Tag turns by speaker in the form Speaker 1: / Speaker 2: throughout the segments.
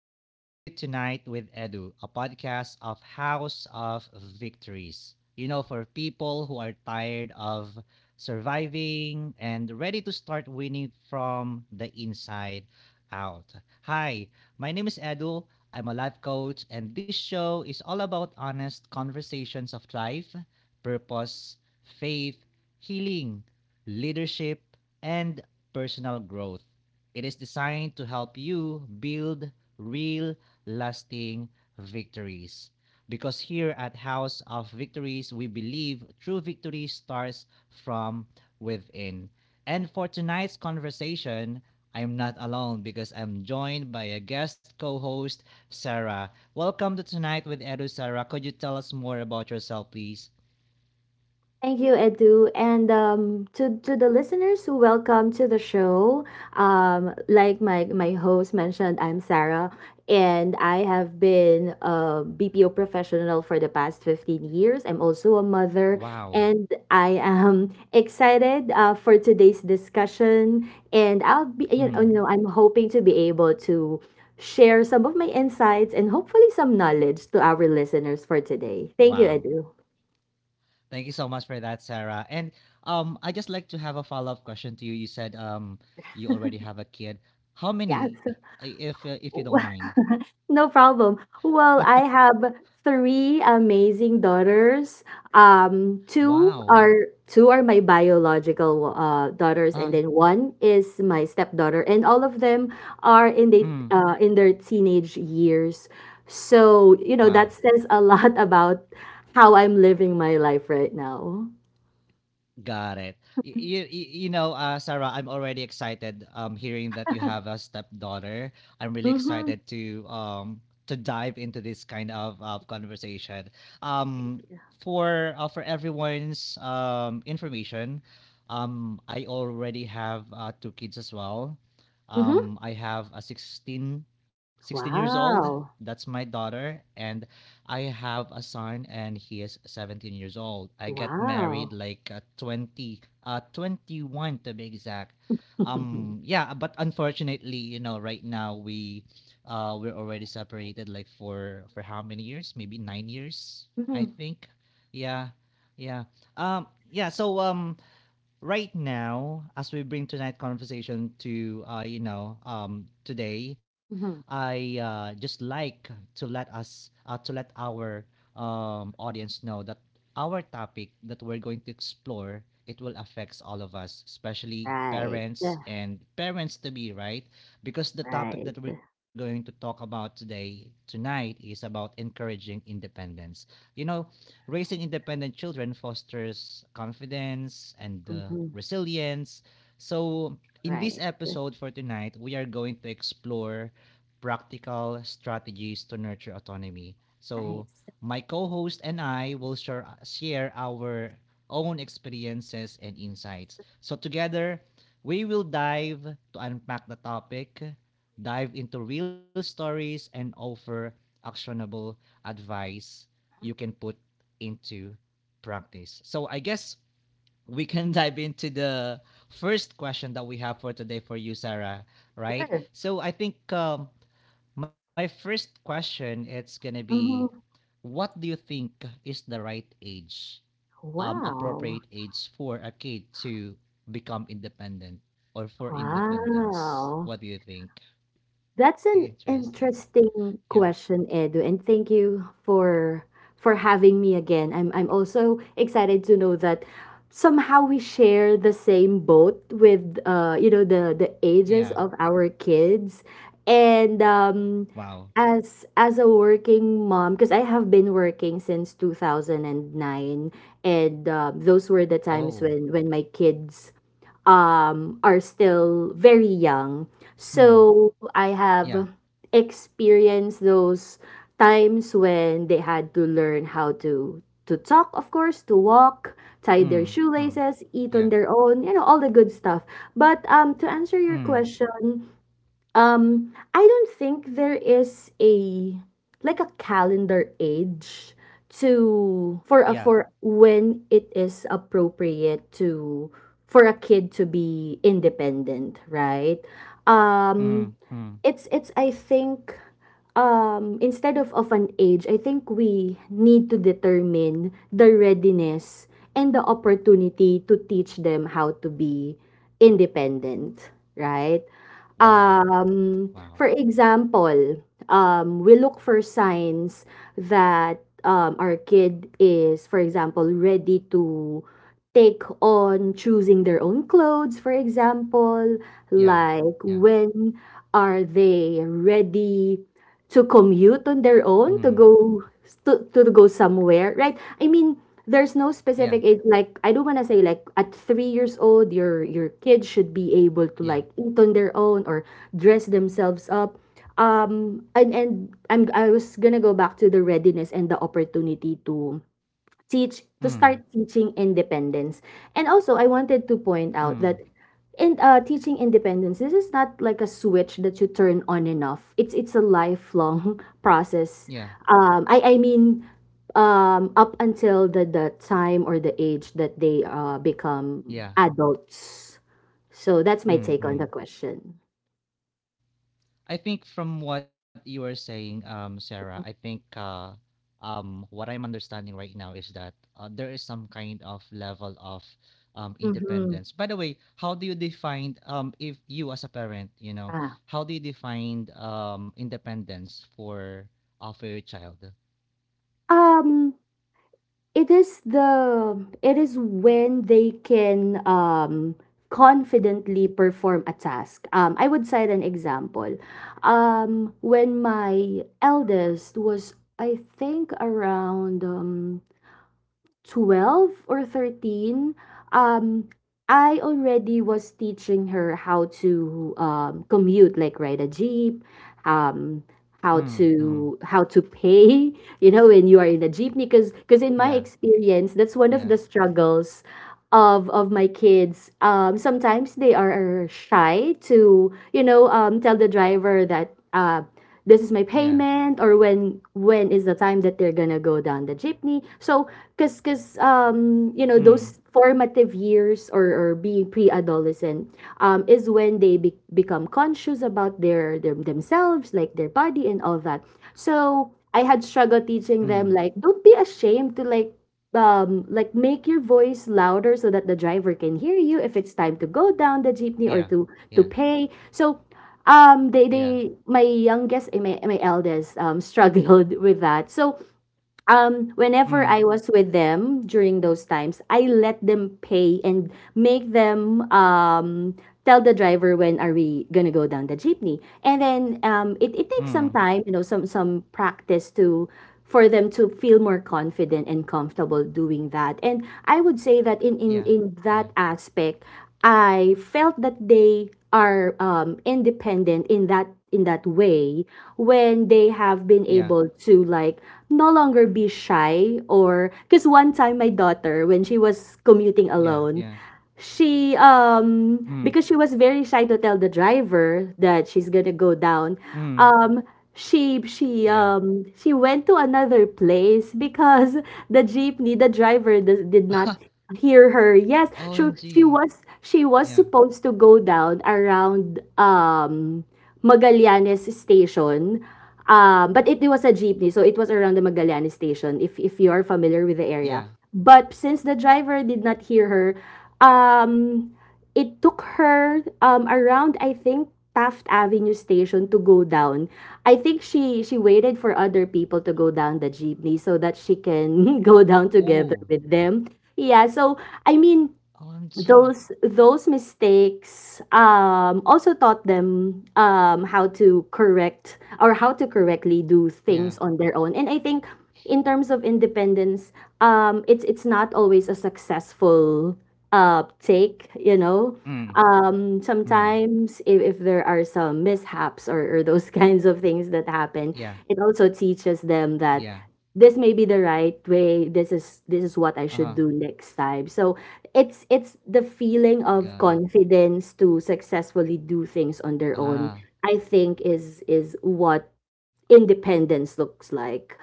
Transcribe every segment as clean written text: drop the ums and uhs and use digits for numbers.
Speaker 1: Welcome to Tonight with Edu, a podcast of House of Victories. You know, for people who are tired of surviving and ready to start winning from the inside out. Hi, my name is Edu. I'm a life coach, and this show is all about honest conversations of life, purpose, faith, healing, leadership, and personal growth. It is designed to help you build real, lasting victories. Because here at House of Victories, we believe true victory starts from within. And for tonight's conversation, I'm not alone because I'm joined by a guest co host, Sarah. Welcome to Tonight with Edu, Sarah. Could you tell us more about yourself, please?
Speaker 2: Thank you, Edu, and to the listeners who welcome to the show. Like my host mentioned, I'm Sarah, and I have
Speaker 1: Mm,
Speaker 2: been a BPO professional for the past 15 years. I'm also a mother,
Speaker 1: wow.
Speaker 2: and I am excited for today's discussion. And I'll be
Speaker 1: Mm,
Speaker 2: I'm hoping to be able to share some of my insights and hopefully some knowledge to our listeners for today. Thank you,
Speaker 1: wow.
Speaker 2: Edu.
Speaker 1: Thank you so much for that, Sarah. And I just like to have a follow up question to you. You said you already have a kid. How many,
Speaker 2: Yes.
Speaker 1: if you don't mind?
Speaker 2: No problem. Well, I have three amazing daughters. Two
Speaker 1: Wow.
Speaker 2: are two are my biological daughters,
Speaker 1: Uh,
Speaker 2: and then one is my stepdaughter, and all of them are in the
Speaker 1: mm,
Speaker 2: in their teenage years. So you know that
Speaker 1: wow.
Speaker 2: says a lot about how I'm living my life right now.
Speaker 1: Got it. You know, Sarah, I'm already excited hearing that you have a stepdaughter. I'm really
Speaker 2: Mm-hmm.
Speaker 1: excited to dive into this kind of conversation. Um, for for everyone's information, I already have two kids as well.
Speaker 2: Mm-hmm.
Speaker 1: I have a sixteen years old.
Speaker 2: Wow.
Speaker 1: That's my daughter, and I have a son and he is 17 years old. I got married
Speaker 2: Wow.
Speaker 1: like 21 to be exact. Yeah, but unfortunately, you know, right now we, we're already separated like for how many years? Maybe 9 years, I
Speaker 2: Mm-hmm.
Speaker 1: think. Yeah, yeah. Um, yeah. So right now, as we bring tonight conversation to you know today,
Speaker 2: Mm-hmm.
Speaker 1: I just like to let our audience know that our topic that we're going to explore it will affects all of us, especially
Speaker 2: Right.
Speaker 1: parents
Speaker 2: Yeah.
Speaker 1: and parents to be, right? Because the topic
Speaker 2: Right.
Speaker 1: that we're going to talk about today tonight is about encouraging independence. You know, raising independent children fosters confidence and
Speaker 2: Mm-hmm.
Speaker 1: resilience. So, in this
Speaker 2: Right.
Speaker 1: episode for tonight, we are going to explore practical strategies to nurture autonomy.
Speaker 2: Right,
Speaker 1: So, my co-host and I will share our own experiences and insights. So together, we will dive to unpack the topic, dive into real stories and offer actionable advice you can put into practice. So I guess we can dive into the first question that we have for today for you, Sarah. Right?
Speaker 2: sure.
Speaker 1: So I think my first question it's gonna be,
Speaker 2: Mhm.
Speaker 1: what do you think is the right age,
Speaker 2: Wow.
Speaker 1: appropriate age for a kid to become independent or for independence?
Speaker 2: Wow.
Speaker 1: What do you think?
Speaker 2: That's an
Speaker 1: Interesting.
Speaker 2: interesting
Speaker 1: Yeah.
Speaker 2: question, Edu, and thank you for having me again. I'm also excited to know that somehow we share the same boat with you know the ages
Speaker 1: Yeah.
Speaker 2: of our kids and
Speaker 1: Wow.
Speaker 2: as a working mom because I have been working since 2009 and those were the times
Speaker 1: Oh.
Speaker 2: when my kids are still very young.
Speaker 1: Hmm.
Speaker 2: So I
Speaker 1: Yeah.
Speaker 2: have experienced those times when they had to learn how to talk, of course, to walk, tie their
Speaker 1: Mm. Mm.
Speaker 2: shoelaces, eat on
Speaker 1: Yeah.
Speaker 2: their own, you know, all the good stuff. But to answer your
Speaker 1: Mm.
Speaker 2: question, I don't think there is a like a calendar age to for a
Speaker 1: Yeah.
Speaker 2: for when it is appropriate to for a kid to be independent, right? Um,
Speaker 1: Mhm. Mhm.
Speaker 2: it's I think instead of an age, I think we need to determine the readiness and the opportunity to teach them how to be independent, right?
Speaker 1: Wow. Wow.
Speaker 2: For example, we look for signs that our kid is, for example, ready to take on choosing their own clothes, for example,
Speaker 1: Yeah.
Speaker 2: like
Speaker 1: Yeah.
Speaker 2: when are they ready to commute on their own to
Speaker 1: Mhm.
Speaker 2: go to go somewhere, right? I mean, there's no
Speaker 1: Yeah.
Speaker 2: specific age. Like I do not want to say like at 3 years old your kids should be able to
Speaker 1: Yeah.
Speaker 2: like eat on their own or dress themselves up and I was gonna go back to the readiness and the opportunity to teach to start
Speaker 1: Mhm.
Speaker 2: teaching independence. And also, I wanted to point out
Speaker 1: Mhm.
Speaker 2: that in teaching independence, this is not like a switch that you turn on and off. It's a lifelong
Speaker 1: Yeah.
Speaker 2: process. Um, I I mean, up until the time or the age that they become
Speaker 1: Yeah.
Speaker 2: adults. So that's my take on the
Speaker 1: Mhm.
Speaker 2: question.
Speaker 1: I think from what you are saying, Sarah, I think what I'm understanding right now is that there is some kind of level of
Speaker 2: Mm-hmm.
Speaker 1: independence. By the way, how do you define if you as a parent, you know,
Speaker 2: Ah.
Speaker 1: how do you define independence for your child?
Speaker 2: Um, it is when they can confidently perform a task. I would cite an example. When my
Speaker 1: Mm,
Speaker 2: eldest was, I think, around 12 or 13, um, I already was teaching her how to commute, like ride a jeep, um,
Speaker 1: mm, mm.
Speaker 2: how to pay, you know, when you are in a jeepney. Because in
Speaker 1: Yeah.
Speaker 2: my experience, that's one
Speaker 1: Yeah.
Speaker 2: of the struggles of my kids. Sometimes they are shy to you know tell the driver that. This is my
Speaker 1: Yeah.
Speaker 2: payment, or when is the time that they're gonna go down the jeepney. So because you know
Speaker 1: Mm.
Speaker 2: those formative years or being pre-adolescent is when they become conscious about their themselves, like their body and all that. So I had struggled teaching them
Speaker 1: Mm.
Speaker 2: like don't be ashamed to like make your voice louder so that the driver can hear you if it's time to go down the jeepney or
Speaker 1: Yeah.
Speaker 2: to
Speaker 1: Yeah.
Speaker 2: pay. So
Speaker 1: Yeah.
Speaker 2: they my my eldest struggled with that. So
Speaker 1: Mm.
Speaker 2: whenever I was with them during those times, I let them pay and make them tell the driver when are we gonna go down the jeepney. And then it takes some
Speaker 1: Mm.
Speaker 2: time, you know, some practice to for them to feel more confident and comfortable doing that. And I would say that
Speaker 1: Yeah.
Speaker 2: in
Speaker 1: Yeah.
Speaker 2: that aspect, I felt that they are independent in that way when they have been able
Speaker 1: Yeah.
Speaker 2: to like no longer be shy. Or, because one time my daughter when she was commuting alone
Speaker 1: Yeah. Yeah.
Speaker 2: she because she
Speaker 1: Mm.
Speaker 2: was very shy to tell the driver that she's gonna go down,
Speaker 1: Mm.
Speaker 2: um
Speaker 1: Yeah.
Speaker 2: she went to another place because the jeepney the driver did not hear her. Yes. So
Speaker 1: OMG.
Speaker 2: she was
Speaker 1: Yeah.
Speaker 2: supposed to go down around Magallanes station. But it was a jeepney, so it was around the Magallanes station, if you are familiar with the area.
Speaker 1: Yeah.
Speaker 2: But since the driver did not hear her, um it took her around, I think, Taft Avenue station to go down. I think she waited for other people to go down the jeepney so that she can go down together
Speaker 1: Oh.
Speaker 2: with them. Yeah, so I mean,
Speaker 1: OMG.
Speaker 2: those mistakes also taught them how to correct, or how to correctly do things
Speaker 1: Yeah.
Speaker 2: on their own. And I think in terms of independence, it's not always a successful take, you know.
Speaker 1: Mm. Mm.
Speaker 2: Sometimes if there are some mishaps or those kinds of things that happen, it
Speaker 1: Yeah.
Speaker 2: also teaches them that
Speaker 1: Yeah.
Speaker 2: this may be the right way, this is what I should
Speaker 1: Uh
Speaker 2: do
Speaker 1: huh.
Speaker 2: next time. So it's the feeling of
Speaker 1: Got it.
Speaker 2: confidence to successfully do things on their own,
Speaker 1: Ah.
Speaker 2: I think, is what independence looks like.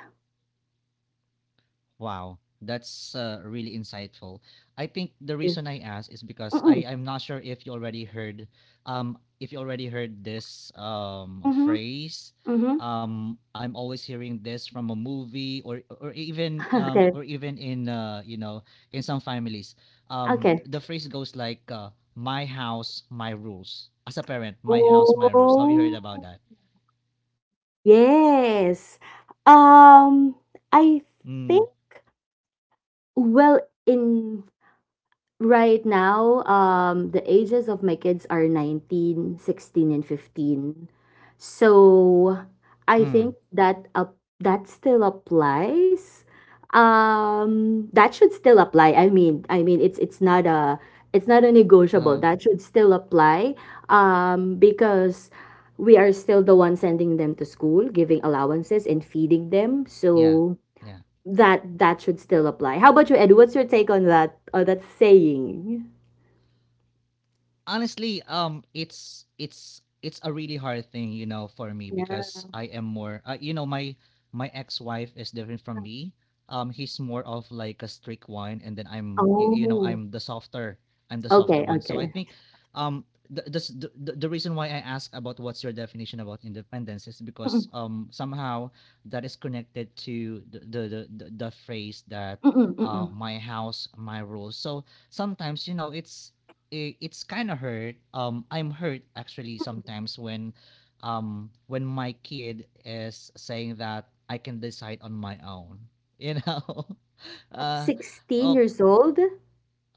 Speaker 1: Wow, that's really insightful. I think the
Speaker 2: Yeah.
Speaker 1: reason I asked is because
Speaker 2: Mm-mm.
Speaker 1: I'm not sure if you already heard if you already heard this
Speaker 2: Mm-hmm.
Speaker 1: phrase.
Speaker 2: Mm-hmm.
Speaker 1: I'm always hearing this from a movie or even
Speaker 2: Okay.
Speaker 1: or even in you know in some families.
Speaker 2: Okay.
Speaker 1: The phrase goes like "my house, my rules." As a parent, my house, my rules. Have you heard about
Speaker 2: Oh,
Speaker 1: that?
Speaker 2: yes. um I
Speaker 1: Mm,
Speaker 2: think well in Right now, the ages of my kids are 19, 16, and 15. So I
Speaker 1: mm,
Speaker 2: think that up that still applies. That should still apply. I mean, it's it's not a negotiable.
Speaker 1: uh,
Speaker 2: That should still apply. Because we are still the ones sending them to school, giving allowances and feeding them.
Speaker 1: yeah,
Speaker 2: So
Speaker 1: yeah.
Speaker 2: that that should still apply. How about you, Ed? What's your take on that, or that saying?
Speaker 1: Honestly, it's it's a really hard thing, you know, for me
Speaker 2: Yeah.
Speaker 1: because I am more, you know, my ex-wife is different from me. He's more of like a strict one, you know, i'm the
Speaker 2: Oh.
Speaker 1: softer i'm the softer
Speaker 2: Okay.
Speaker 1: one. So I
Speaker 2: Okay.
Speaker 1: think um the, s- the reason why I ask about what's your definition about independence is because
Speaker 2: Mm-mm,
Speaker 1: somehow that is connected to the phrase that
Speaker 2: mm-mm, mm-mm.
Speaker 1: my house my rules. So sometimes, you know, it's kind of hurt. I'm hurt actually sometimes when my kid is saying that I can decide on my own. You know,
Speaker 2: At
Speaker 1: uh,
Speaker 2: sixteen
Speaker 1: oh,
Speaker 2: years old.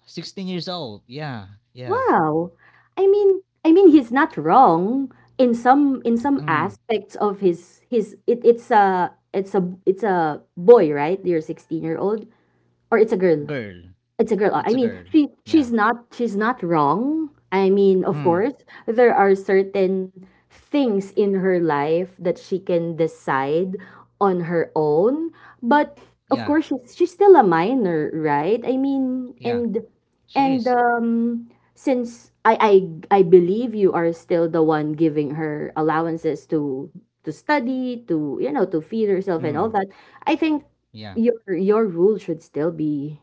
Speaker 1: 16 years old. Yeah, yeah.
Speaker 2: Wow. I mean, he's not wrong in some
Speaker 1: Mm,
Speaker 2: aspects of his his. It's a boy, right? You're 16 year old, or it's a girl.
Speaker 1: girl,
Speaker 2: It's a girl. I
Speaker 1: it's a
Speaker 2: mean,
Speaker 1: girl. Yeah.
Speaker 2: she's not wrong. I mean, of
Speaker 1: Mm,
Speaker 2: course, there are certain things in her life that she can decide on her own, but of
Speaker 1: yeah,
Speaker 2: course she's still a minor, right? I mean,
Speaker 1: yeah.
Speaker 2: and
Speaker 1: She
Speaker 2: and
Speaker 1: is.
Speaker 2: um since I believe you are still the one giving her allowances to study, to you know, to feed herself and all
Speaker 1: Mm,
Speaker 2: that, I think
Speaker 1: yeah.
Speaker 2: your rule should still be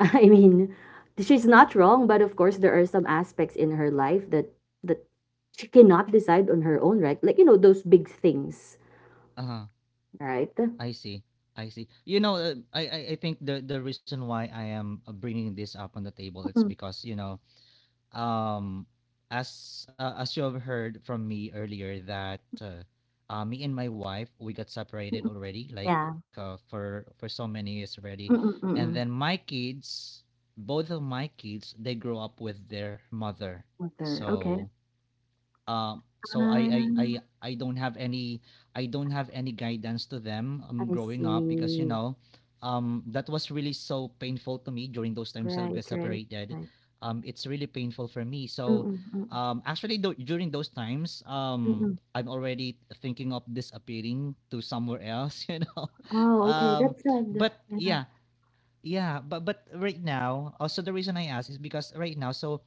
Speaker 2: I mean, she's not wrong, but of course there are some aspects in her life that that she cannot decide on her own, right? Like you know those big things,
Speaker 1: Uh huh.
Speaker 2: right? Mm-mm,
Speaker 1: I see. I see. You know, I I think the reason why I am bringing this up on the table it's because you know um as you have heard from me earlier that me and my wife we got separated
Speaker 2: mm-mm.
Speaker 1: already like
Speaker 2: Yeah.
Speaker 1: for so many years already.
Speaker 2: Mm-mm,
Speaker 1: And
Speaker 2: mm-mm.
Speaker 1: then my kids both of my kids they grow up with their mother.
Speaker 2: Mother. Okay.
Speaker 1: So um, so I, I I
Speaker 2: Ah,
Speaker 1: I don't have any I don't have any guidance to them
Speaker 2: I
Speaker 1: growing up, because you
Speaker 2: see.
Speaker 1: know that was really so painful to me during those that we got
Speaker 2: Right, right,
Speaker 1: separated.
Speaker 2: right.
Speaker 1: It's really painful for me. So
Speaker 2: Mm-mm, mm-mm,
Speaker 1: actually, during those times
Speaker 2: mm-mm.
Speaker 1: I'm already thinking of disappearing to somewhere else, you know.
Speaker 2: Oh, okay.
Speaker 1: Um
Speaker 2: That's good.
Speaker 1: but
Speaker 2: Yeah,
Speaker 1: yeah, yeah, but right now, also the reason I ask is because right now, so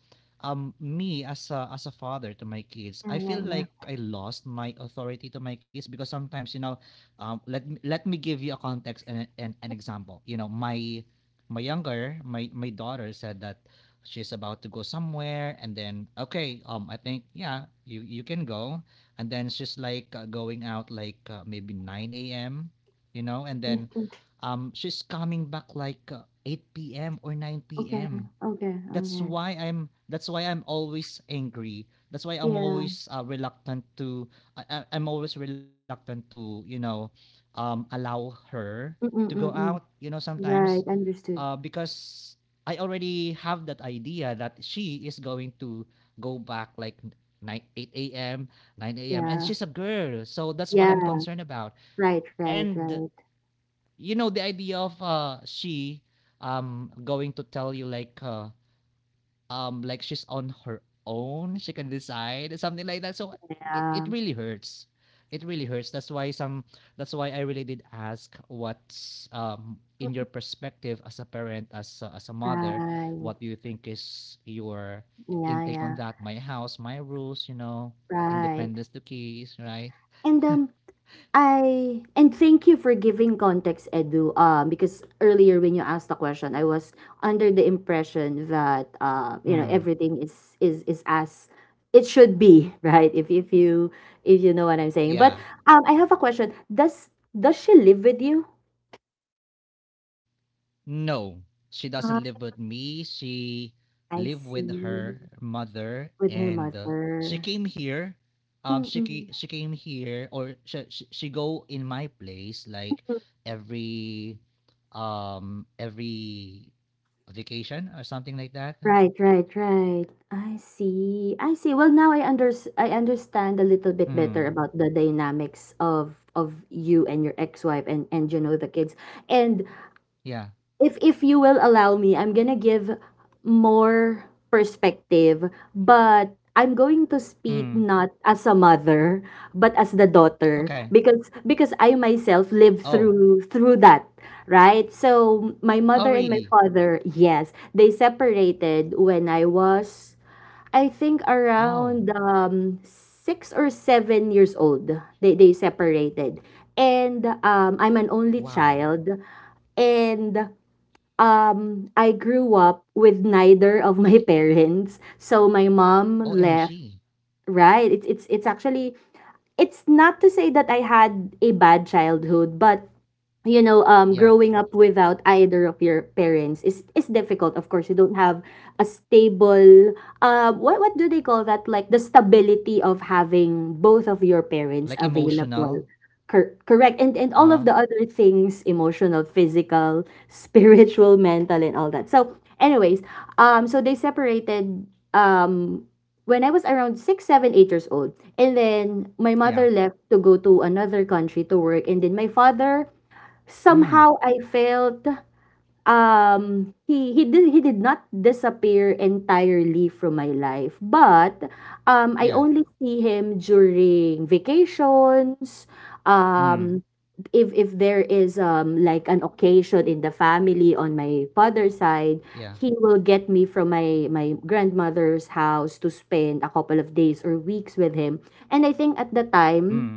Speaker 1: me as a father to my kids,
Speaker 2: yeah,
Speaker 1: I
Speaker 2: yeah,
Speaker 1: feel like
Speaker 2: yeah.
Speaker 1: I lost my authority to my kids because sometimes, you know, let me give you a context and, and an example. You know, my younger, my daughter said that she's about to go somewhere and then okay, I think yeah, you can go, and then she's like going out like maybe 9 a.m., you know, and
Speaker 2: Okay,
Speaker 1: then
Speaker 2: okay,
Speaker 1: she's coming back like 8 p.m. or 9
Speaker 2: okay,
Speaker 1: p.m.
Speaker 2: okay,
Speaker 1: That's
Speaker 2: okay.
Speaker 1: why I'm that's why I'm always angry. That's why I'm
Speaker 2: Yeah.
Speaker 1: always reluctant to I- I'm always reluctant to, you know, allow her to go
Speaker 2: Mm-mm,
Speaker 1: out,
Speaker 2: mm-mm.
Speaker 1: you know, sometimes
Speaker 2: Right. Understood.
Speaker 1: because I already have that idea that she is going to go back like 9 8 a.m. 9 a.m. And
Speaker 2: Yeah.
Speaker 1: she's a girl so that's what
Speaker 2: Yeah.
Speaker 1: I'm concerned about.
Speaker 2: Right, right,
Speaker 1: And
Speaker 2: right.
Speaker 1: you know the idea of she going to tell you like she's on her own, she can decide something like that. So it,
Speaker 2: Yeah.
Speaker 1: it really hurts, it really hurts that's why some that's why I really did ask what's in your perspective as a parent, as as a mother,
Speaker 2: Right.
Speaker 1: what do you think is your
Speaker 2: Yeah,
Speaker 1: intake on
Speaker 2: yeah.
Speaker 1: that my house my rules, you know,
Speaker 2: Right.
Speaker 1: independence to keys, right?
Speaker 2: And I, and thank you for giving context, Edu. Because earlier when you asked the question, I was under the impression that you know,
Speaker 1: Mm,
Speaker 2: everything is as it should be, right? If you know what I'm saying. But
Speaker 1: yeah.
Speaker 2: I have a question. Does she live with you?
Speaker 1: No, she doesn't
Speaker 2: Ah,
Speaker 1: live with me. She
Speaker 2: I
Speaker 1: live with
Speaker 2: see.
Speaker 1: her mother,
Speaker 2: With her
Speaker 1: and she
Speaker 2: mother.
Speaker 1: came here.
Speaker 2: Mm-mm.
Speaker 1: She came here, or she go in my place like every every vacation or something like that.
Speaker 2: Right, right, right. I see. I see. Well, now I understand a little bit better
Speaker 1: Mm,
Speaker 2: about the dynamics of you and your ex-wife and you know the kids. And
Speaker 1: yeah.
Speaker 2: if you will allow me, I'm gonna give more perspective, but I'm going to speak
Speaker 1: Mm,
Speaker 2: not as a mother, but as the daughter,
Speaker 1: okay.
Speaker 2: because I myself lived
Speaker 1: Oh.
Speaker 2: through that, right? So my
Speaker 1: Oh
Speaker 2: mother and
Speaker 1: really?
Speaker 2: my father, yes, they separated when I was, I think,
Speaker 1: Oh
Speaker 2: around 6 or 7 years old. They separated. And I'm an only
Speaker 1: wow.
Speaker 2: child, and I grew up with neither of my parents. So my mom left,
Speaker 1: OMG.
Speaker 2: right? It's actually it's not to say that I had a bad childhood, but
Speaker 1: Yeah.
Speaker 2: growing up without either of your parents is difficult. Of course you don't have a stable, what do they call that, like the stability of having both of your
Speaker 1: Like
Speaker 2: parents
Speaker 1: emotional.
Speaker 2: available? Correct, and all
Speaker 1: Uh.
Speaker 2: of the other things, emotional, physical, spiritual, mental and all that. So anyways, so they separated, um when I was around six, seven, 8 years old. And then my
Speaker 1: Yeah.
Speaker 2: mother left to go to another country to work. And then my father,
Speaker 1: Mm.
Speaker 2: somehow I felt, he did not disappear entirely from my life, but I
Speaker 1: Yeah.
Speaker 2: only see him during vacations,
Speaker 1: Mm.
Speaker 2: um, if there is like an occasion in the family on my father's side.
Speaker 1: Yeah.
Speaker 2: He will get me from my grandmother's house to spend a couple of days or weeks with him. And I think at the
Speaker 1: Mm.
Speaker 2: time,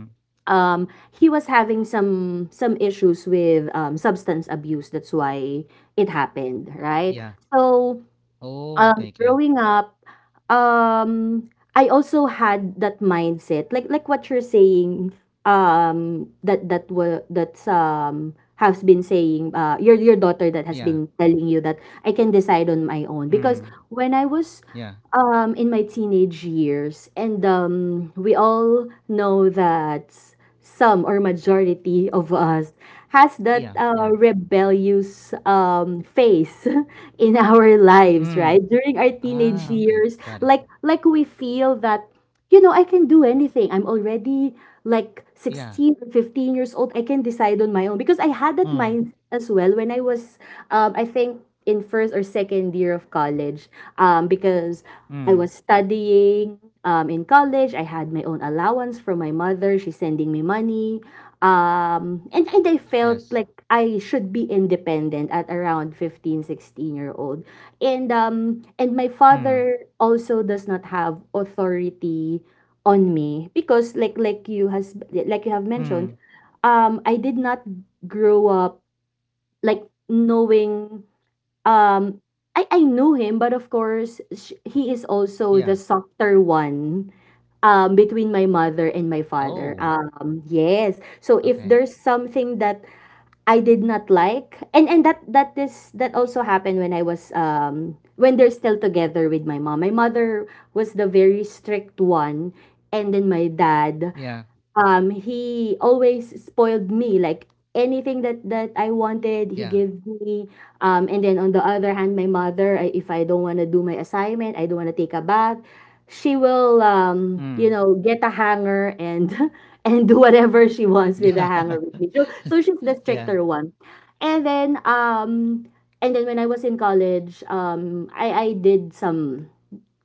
Speaker 2: um he was having some issues with substance abuse. That's why it happened,
Speaker 1: Yeah.
Speaker 2: right? So,
Speaker 1: Oh, okay, okay.
Speaker 2: growing up, um, I also had that mindset, like what you're saying, that that were that's has been saying, your daughter that has been telling you that I can decide on my own.
Speaker 1: Mm.
Speaker 2: Because when I
Speaker 1: Yeah.
Speaker 2: was, in my teenage years, and we all know that some or majority of us
Speaker 1: Yeah.
Speaker 2: has
Speaker 1: Yeah.
Speaker 2: that rebellious phase in our
Speaker 1: Mm.
Speaker 2: lives, right? During our
Speaker 1: Ah, okay.
Speaker 2: teenage
Speaker 1: Got it.
Speaker 2: years, like we feel that, you know, I can do anything. I'm already like
Speaker 1: Yeah.
Speaker 2: 16 or 15 years old. I can decide on my own.
Speaker 1: Mm.
Speaker 2: Because I had that mindset as well when I was, I think, in first or second year of college. Because
Speaker 1: Mm.
Speaker 2: I was studying, in college. I had my own allowance from my mother. She's sending me money. Um,
Speaker 1: Yes.
Speaker 2: and, and I felt like I should be independent at around 15, 16 year old.
Speaker 1: Mm.
Speaker 2: And my father also does not have authority on me because, like like you has
Speaker 1: Mm.
Speaker 2: like you have mentioned, I did not grow up like knowing, um I knew him, but of course, he
Speaker 1: Yeah.
Speaker 2: is also the softer one between my mother and
Speaker 1: Oh,
Speaker 2: my father. Yes.
Speaker 1: okay.
Speaker 2: So if there's something that I did not like, and that that is that also happened when I was, when they're still together with my mom. My mother was the very strict one, and then my
Speaker 1: Yeah.
Speaker 2: dad, he always spoiled me. Like, anything that I
Speaker 1: Yeah.
Speaker 2: wanted, he gave me. And then on the other hand, my mother, if I don't want to do my assignment, I don't want to take a bath, she will,
Speaker 1: Mm.
Speaker 2: you know, get a hanger and and do whatever she
Speaker 1: Yeah.
Speaker 2: wants with the hanger with me. So, so
Speaker 1: Yeah.
Speaker 2: she's the stricter one. And then and then when I was in college, I did some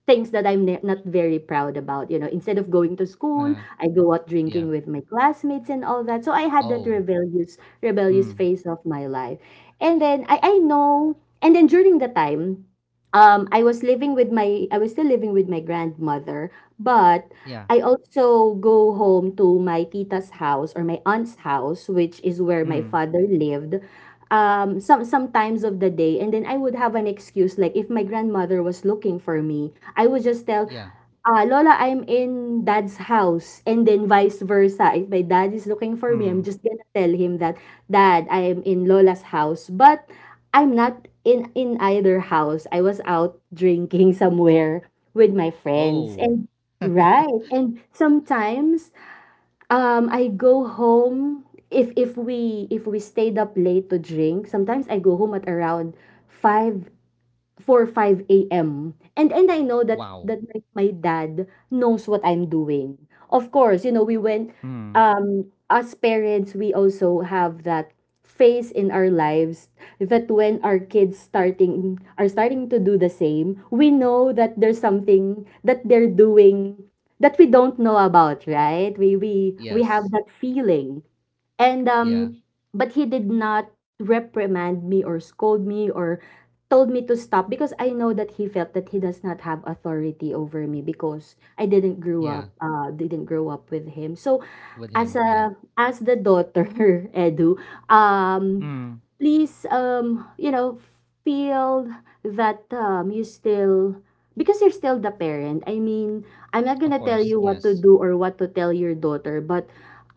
Speaker 2: things that I'm not very proud about. You know, instead of going to school,
Speaker 1: Uh,
Speaker 2: I go out
Speaker 1: yeah.
Speaker 2: drinking with my classmates and all that. So I had that
Speaker 1: Oh,
Speaker 2: rebellious
Speaker 1: mm.
Speaker 2: phase of my life. And then I know, and then during the time, I was living with my I was still living with my grandmother, but
Speaker 1: Yeah.
Speaker 2: I also go home to my tita's house, or my aunt's house, which is where my
Speaker 1: Mm.
Speaker 2: father lived. Some times of the day. And then I would have an excuse like, if my grandmother was looking for me, I would just tell,
Speaker 1: Yeah.
Speaker 2: Lola, I'm in dad's house. And then vice versa. If my dad is looking for me, I'm
Speaker 1: Mm.
Speaker 2: just gonna tell him that, Dad, I am in Lola's house. But I'm not in either house. I was out drinking somewhere with my friends.
Speaker 1: Oh.
Speaker 2: And right. And sometimes I go home, if we stayed up late to drink, sometimes I go home at around 5, 4 5 a m. And I know that
Speaker 1: Wow.
Speaker 2: my dad knows what I'm doing. Of course, you know, we went,
Speaker 1: Mm.
Speaker 2: as parents, we also have that phase in our lives, that when our kids starting are starting to do the same, we know that there's something that they're doing that we don't know about, right? We have
Speaker 1: Yes.
Speaker 2: that feeling. And
Speaker 1: Yeah.
Speaker 2: but he did not reprimand me or scold me or told me to stop, because I know that he felt that he does not have authority over me, because I didn't grow
Speaker 1: Yeah.
Speaker 2: up, with him. So
Speaker 1: With
Speaker 2: as
Speaker 1: him. Yeah.
Speaker 2: a as the daughter, Edu, um,
Speaker 1: Mm.
Speaker 2: please, you know, feel that, you still, because you're still the parent. I mean, I'm not
Speaker 1: Of
Speaker 2: gonna tell
Speaker 1: course,
Speaker 2: you what to
Speaker 1: yes.
Speaker 2: do or what to tell your daughter, but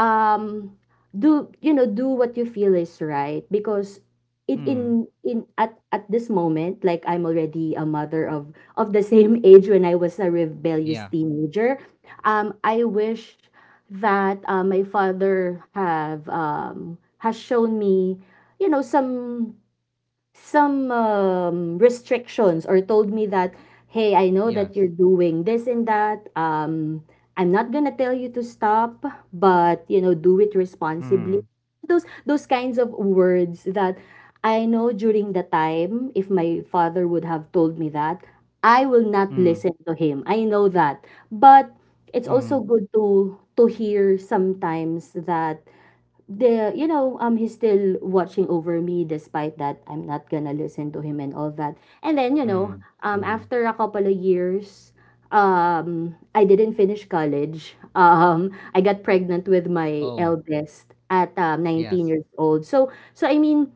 Speaker 2: um do you know, do what you feel is right. Because it,
Speaker 1: Mm.
Speaker 2: in at this moment, like, I'm already a mother of the same age when I was a rebellious
Speaker 1: Yeah.
Speaker 2: teenager. I wish that, my father have has shown me, you know, some restrictions, or told me that, hey, I know that you're
Speaker 1: Yes.
Speaker 2: doing this and that. I'm not gonna tell you to stop, but you know, do it responsibly.
Speaker 1: Mm.
Speaker 2: Those kinds of words that I know during the time, if my father would have told me that, I will not
Speaker 1: Mm.
Speaker 2: listen to him. I know that, but it's
Speaker 1: Mm.
Speaker 2: also good to hear sometimes that, the you know he's still watching over me, despite that I'm not gonna listen to him and all that. And then you know
Speaker 1: Mm. Mm.
Speaker 2: after a couple of years, I didn't finish college. Um, I got pregnant with my
Speaker 1: Oh,
Speaker 2: eldest at 19
Speaker 1: yes.
Speaker 2: years old. So so I mean,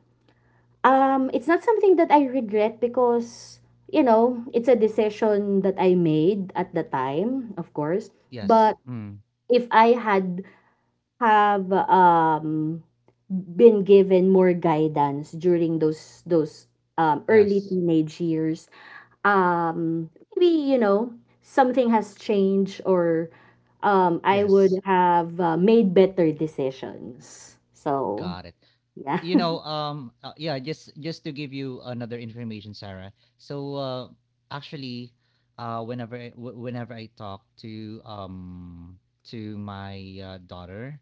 Speaker 2: it's not something that I regret, because you know it's a decision that I made at the time, of course. But
Speaker 1: Yes. Mm.
Speaker 2: if I had have been given more guidance during those early
Speaker 1: Yes.
Speaker 2: teenage years, um maybe, you know, something has changed, or I would
Speaker 1: Yes.
Speaker 2: have, made better decisions. So
Speaker 1: Got it.
Speaker 2: yeah.
Speaker 1: You know, yeah, just to give you another information, Sarah. So actually whenever I, whenever I talk to my daughter,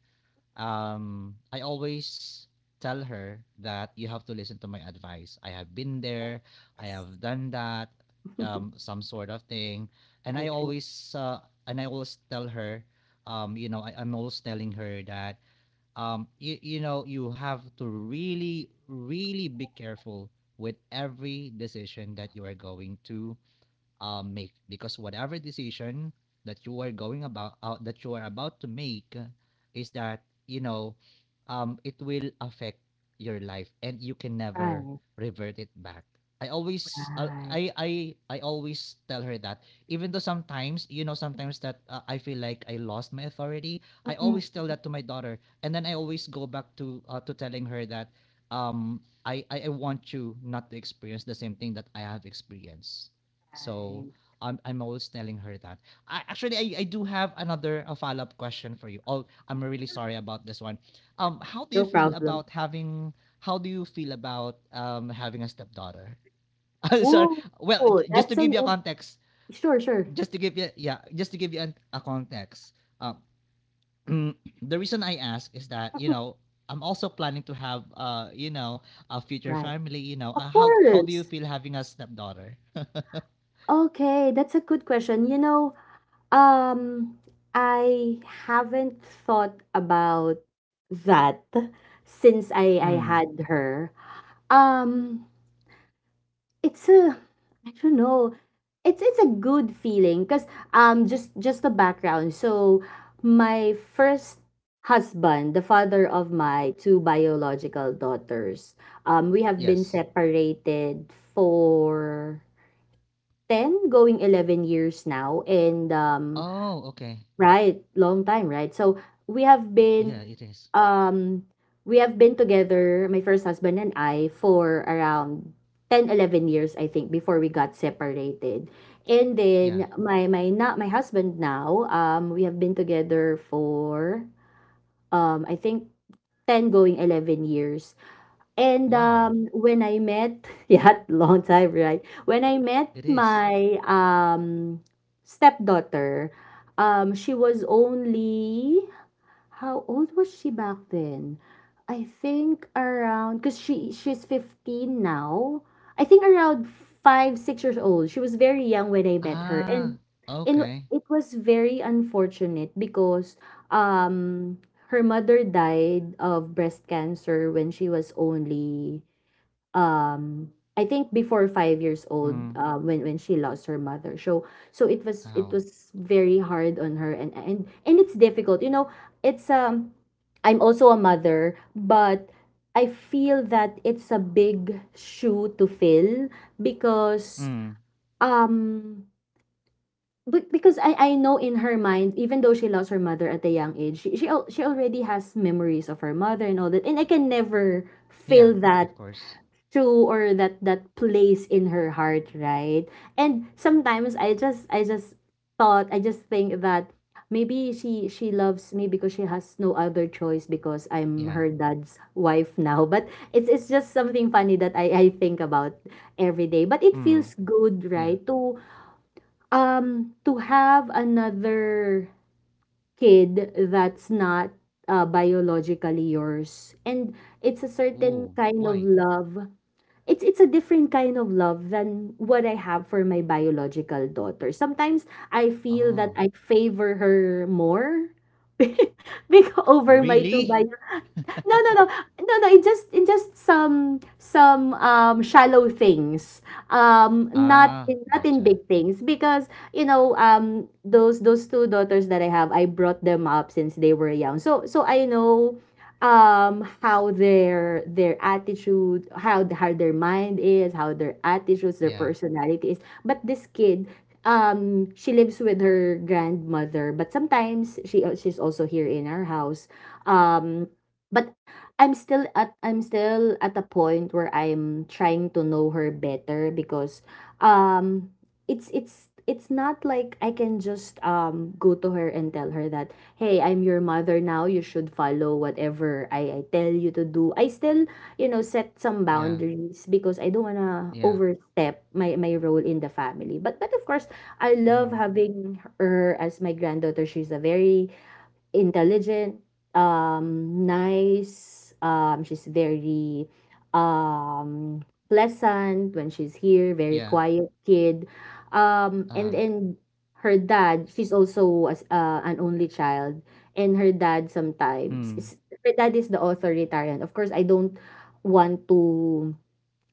Speaker 1: I always tell her that you have to listen to my advice. I have been there, I
Speaker 2: Yes.
Speaker 1: have done that, some sort of thing, and I
Speaker 2: Right, right,
Speaker 1: always uh, tell her, you know, I'm always telling her that you know you have to really really be careful with every decision that you are going to make, because whatever decision that you are going about that you are about to make is that you know it will affect your life and you can never
Speaker 2: right,
Speaker 1: revert it back. I always I
Speaker 2: right.
Speaker 1: I I, I always tell her that, even though sometimes you know sometimes that I feel like I lost my authority. I
Speaker 2: Mm-mm.
Speaker 1: always tell that to my daughter, and then I always go back to telling her that I want you not to experience the same thing that I have experienced. So
Speaker 2: Right,
Speaker 1: I'm always telling her that. I actually, I do have another a follow up question for you. Oh, I'm really sorry about this one. How do you
Speaker 2: no
Speaker 1: feel
Speaker 2: problem.
Speaker 1: about having? How do you feel about having a stepdaughter? Sorry.
Speaker 2: Oh,
Speaker 1: Well,
Speaker 2: oh,
Speaker 1: just to
Speaker 2: that's
Speaker 1: give
Speaker 2: an
Speaker 1: you a context,
Speaker 2: sure, sure.
Speaker 1: just to give you yeah, just to give you a context. The reason I ask is that you
Speaker 2: Mm-mm.
Speaker 1: know I'm also planning to have you know a future
Speaker 2: Right.
Speaker 1: family. You know
Speaker 2: Of
Speaker 1: how do you
Speaker 2: course.
Speaker 1: feel having a stepdaughter?
Speaker 2: Okay, that's a good question. You know, um, I haven't thought about that since I
Speaker 1: Mm.
Speaker 2: had her. Um, it's a, I don't know. It's a good feeling because, just the background. So my first husband, the father of my two biological daughters, we have been
Speaker 1: Yes.
Speaker 2: separated for 10 going 11 years now, and um,
Speaker 1: Oh, okay.
Speaker 2: right, long time, right? So we have
Speaker 1: Yeah,
Speaker 2: been,
Speaker 1: it is.
Speaker 2: um together, my first husband and I, for around ten, 11 years, I think, before we got separated. And
Speaker 1: Yeah.
Speaker 2: then my not my husband now, um, we have been together for, I think, ten going 11 years. And
Speaker 1: Wow,
Speaker 2: when I met, yeah, long time, right? When I met
Speaker 1: it is.
Speaker 2: my stepdaughter, she was only, how old was she back then? I think around, because she's 15 now. I think around five, 6 years old. She was very young when I met her.
Speaker 1: Ah,
Speaker 2: And
Speaker 1: okay.
Speaker 2: it was very unfortunate because, um her mother died of breast cancer when she was only, um I think before 5 years old,
Speaker 1: Mm.
Speaker 2: when she lost her mother. So so it was, it
Speaker 1: Ow.
Speaker 2: was very hard on her, and and it's difficult, you know. It's I'm also a mother, but I feel that it's a big shoe to fill, because
Speaker 1: Mm.
Speaker 2: um, but because I know, in her mind, even though she lost her mother at a young age, she already has memories of her mother and all that. And I can never
Speaker 1: Yeah,
Speaker 2: fill
Speaker 1: of
Speaker 2: that
Speaker 1: course.
Speaker 2: true, or that place in her heart, right? And sometimes I just think that maybe she loves me because she has no other choice, because I'm
Speaker 1: Yeah.
Speaker 2: her dad's wife now. But it's just something funny that I think about every day. But it
Speaker 1: Mm.
Speaker 2: feels good,
Speaker 1: Yeah.
Speaker 2: right, to have another kid that's not, biologically yours. And it's a certain
Speaker 1: Ooh,
Speaker 2: kind of
Speaker 1: why?
Speaker 2: love. It's a different kind of love than what I have for my biological daughter. Sometimes I feel that
Speaker 1: Ah,
Speaker 2: I favor her more because over my two.
Speaker 1: really?
Speaker 2: No, no, no, no, no. In just, in just some shallow things. Not
Speaker 1: Ah,
Speaker 2: in, not in
Speaker 1: gotcha.
Speaker 2: big things, because you know those two daughters that I have, I brought them up since they were young. So so I know, how their attitude, how their mind is, how their attitudes, their
Speaker 1: Yeah,
Speaker 2: personality is. But this kid, she lives with her grandmother, but sometimes she's also here in our house, um but I'm still at a point where I'm trying to know her better because um it's not like I can just go to her and tell her that, hey, I'm your mother now, you should follow whatever I tell you to do. I still, you know, set some
Speaker 1: yeah,
Speaker 2: boundaries because I don't wanna
Speaker 1: yeah.
Speaker 2: overstep my role in the family, but of course I love
Speaker 1: Mm-hmm.
Speaker 2: having her as my granddaughter. She's a very intelligent, nice. She's very um, pleasant when she's here, very
Speaker 1: Yeah.
Speaker 2: quiet kid. And
Speaker 1: Ah.
Speaker 2: then her dad, she's also as an only child, and her dad sometimes is,
Speaker 1: Mm.
Speaker 2: her dad is the authoritarian. Of course, I don't want to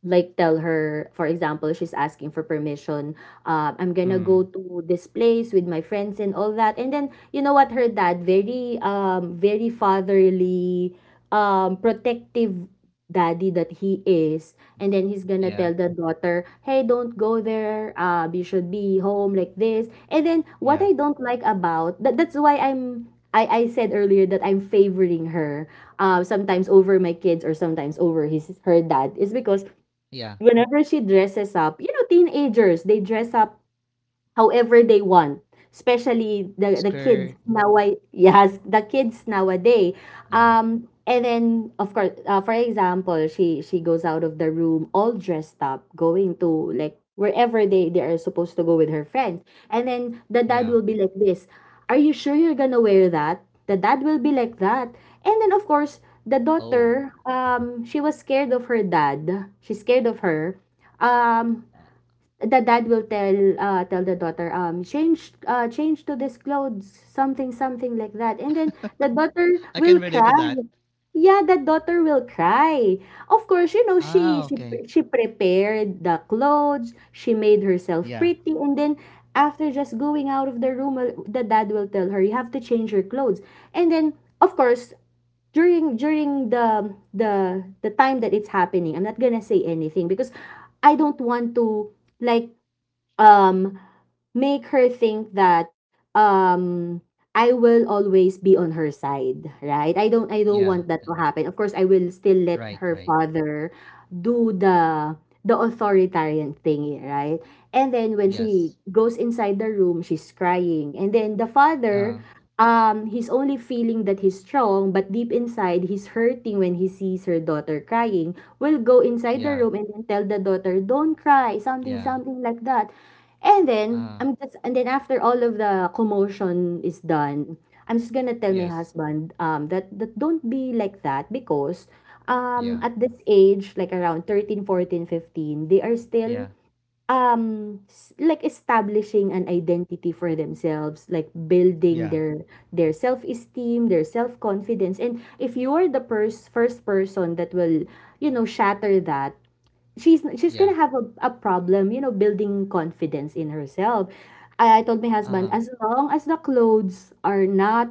Speaker 2: like tell her, for example, she's asking for permission, I'm gonna go
Speaker 1: Mm.
Speaker 2: to this place with my friends and all that, and then you know what, her dad, very very fatherly, protective daddy that he is, and then he's gonna tell
Speaker 1: Yeah.
Speaker 2: the daughter, hey, don't go there, uh, you should be home like this. And then what I
Speaker 1: Yeah.
Speaker 2: don't like about that, that's why I'm, I said earlier that I'm favoring her sometimes over my kids or sometimes over his, her dad is because
Speaker 1: Yeah.
Speaker 2: whenever she dresses up, you know, teenagers, they dress up however they want, especially the kids
Speaker 1: Skirt.
Speaker 2: now, yes, the kids nowadays.
Speaker 1: Yeah.
Speaker 2: And then of course, for example, she goes out of the room all dressed up, going to like wherever they are supposed to go with her friends, and then the dad will
Speaker 1: Yeah.
Speaker 2: be like this, are you sure you're gonna wear that? The dad will be like that. And then of course the daughter,
Speaker 1: Oh.
Speaker 2: she was scared of her dad, she's scared of her, um
Speaker 1: Uh,
Speaker 2: the dad will tell, tell the daughter, um, change, change to this clothes, something, something like that. And then the daughter
Speaker 1: I
Speaker 2: will
Speaker 1: can
Speaker 2: cry.
Speaker 1: relate to that.
Speaker 2: Yeah, the daughter will cry. Of course, you know, she
Speaker 1: Ah,
Speaker 2: she
Speaker 1: okay.
Speaker 2: pre- she prepared the clothes, she made herself
Speaker 1: Yeah.
Speaker 2: pretty, and then after just going out of the room, well, the dad will tell her, you have to change your clothes. And then, of course, during the time that it's happening, I'm not gonna say anything because I don't want to like, um make her think that, um I will always be on her side, right? I don't
Speaker 1: Yeah,
Speaker 2: want that to happen. Of course, I will still let
Speaker 1: right,
Speaker 2: her
Speaker 1: right.
Speaker 2: father do the authoritarian thing, right? And then when she
Speaker 1: Yes.
Speaker 2: goes inside the room, she's crying. And then the father,
Speaker 1: Uh,
Speaker 2: He's only feeling that he's strong, but deep inside, he's hurting when he sees her daughter crying, will go inside the
Speaker 1: yeah,
Speaker 2: room and then tell the daughter, "Don't cry," something,
Speaker 1: yeah.
Speaker 2: something like that. And then,
Speaker 1: Uh,
Speaker 2: after all of the commotion is done, I'm just gonna tell my
Speaker 1: yes.
Speaker 2: husband, that don't be like that because,
Speaker 1: Yeah,
Speaker 2: at this age, like around 13, 14, 15, they are still,
Speaker 1: yeah,
Speaker 2: S like establishing an identity for themselves, like building
Speaker 1: yeah,
Speaker 2: their self-esteem, their self-confidence, and if you're the pers first person that will, you know, shatter that, she's gonna
Speaker 1: yeah.
Speaker 2: have a problem, you know, building confidence in herself. I told my husband,
Speaker 1: Uh,
Speaker 2: as long as the clothes are not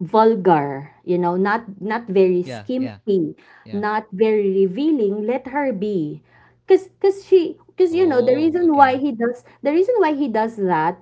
Speaker 2: vulgar, you know, not very
Speaker 1: yeah, yeah,
Speaker 2: skimpy,
Speaker 1: yeah.
Speaker 2: not very revealing, let her be. Cause you know, the
Speaker 1: Oh,
Speaker 2: reason why
Speaker 1: okay.
Speaker 2: he does, the reason why he does that,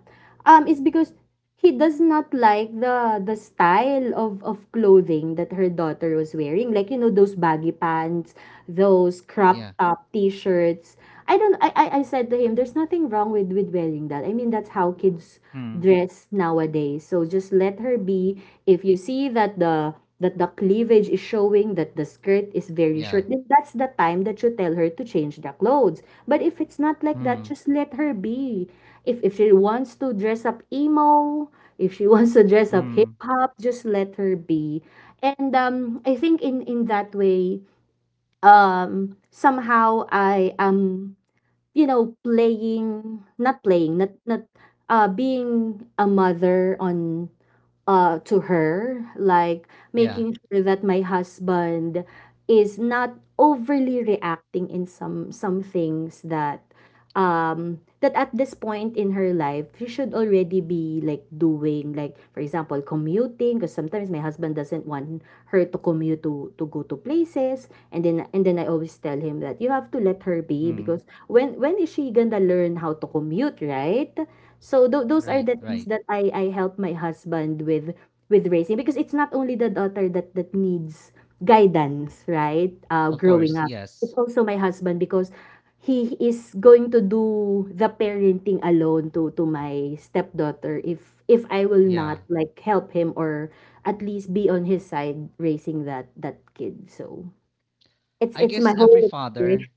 Speaker 2: is because he does not like the style of clothing that her daughter was wearing. Like, you know, those baggy pants, those crop
Speaker 1: Yeah.
Speaker 2: top t-shirts. I don't I said to him, there's nothing wrong with wearing that. I mean, that's how kids
Speaker 1: Hmm.
Speaker 2: dress nowadays. So just let her be. If you see that the cleavage is showing, that the skirt is very
Speaker 1: Yeah.
Speaker 2: short, then that's the time that you tell her to change the clothes. But if it's not like that,
Speaker 1: Hmm.
Speaker 2: just let her be. If she wants to dress up emo, if she wants to dress up hip
Speaker 1: Hmm.
Speaker 2: hop, just let her be. And I think in that way, somehow I am, you know, playing, not not being a mother on, to her, like
Speaker 1: Yeah.
Speaker 2: making sure that my husband is not overly reacting in some things that, that at this point in her life, she should already be like doing, like for example, commuting, because sometimes my husband doesn't want her to commute to go to places. And then, I always tell him that you have to let her be,
Speaker 1: Hmm.
Speaker 2: because when is she gonna learn how to commute, right? So those are
Speaker 1: Right,
Speaker 2: the things
Speaker 1: right.
Speaker 2: that I help my husband with raising, because it's not only the daughter that needs guidance, right? Uh,
Speaker 1: Of
Speaker 2: growing
Speaker 1: course,
Speaker 2: up. It's
Speaker 1: yes.
Speaker 2: also my husband, because he is going to do the parenting alone to my stepdaughter if I will
Speaker 1: Yeah.
Speaker 2: not like help him or at least be on his side raising that kid. So it's
Speaker 1: I
Speaker 2: it's my
Speaker 1: guess every
Speaker 2: whole experience.
Speaker 1: father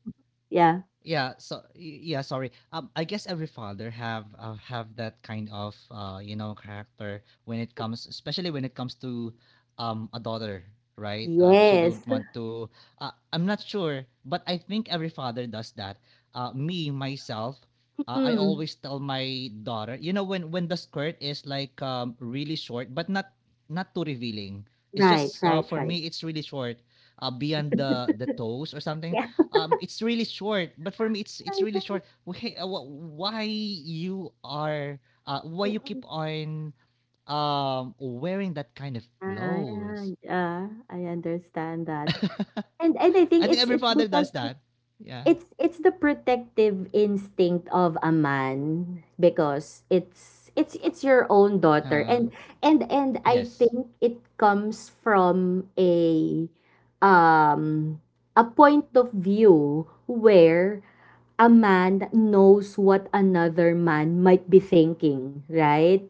Speaker 2: Yeah.
Speaker 1: Yeah, so yeah, sorry. I guess every father have that kind of you know character when it comes, especially when it comes to a daughter, right? She don't
Speaker 2: Yes.
Speaker 1: want to. I'm not sure, but I think every father does that. Me myself, I
Speaker 2: Mm.
Speaker 1: always tell my daughter, you know, when the skirt is like really short, but not not too revealing. It's
Speaker 2: Right,
Speaker 1: just
Speaker 2: right,
Speaker 1: for
Speaker 2: right.
Speaker 1: me, it's really short, beyond the toes or something,
Speaker 2: Yeah.
Speaker 1: it's really short, but for me it's
Speaker 2: Right,
Speaker 1: really
Speaker 2: right.
Speaker 1: short. Why, why you are, why you keep
Speaker 2: Mm-mm.
Speaker 1: on wearing that kind of
Speaker 2: I,
Speaker 1: clothes?
Speaker 2: I, uh, I understand that. And I
Speaker 1: I
Speaker 2: think
Speaker 1: think
Speaker 2: it's
Speaker 1: every
Speaker 2: it's
Speaker 1: father
Speaker 2: because,
Speaker 1: does that. Yeah.
Speaker 2: it's the protective instinct of a man, because it's your own daughter,
Speaker 1: uh
Speaker 2: and I
Speaker 1: yes.
Speaker 2: think it comes from a, um a point of view where a man knows what another man might be thinking, right?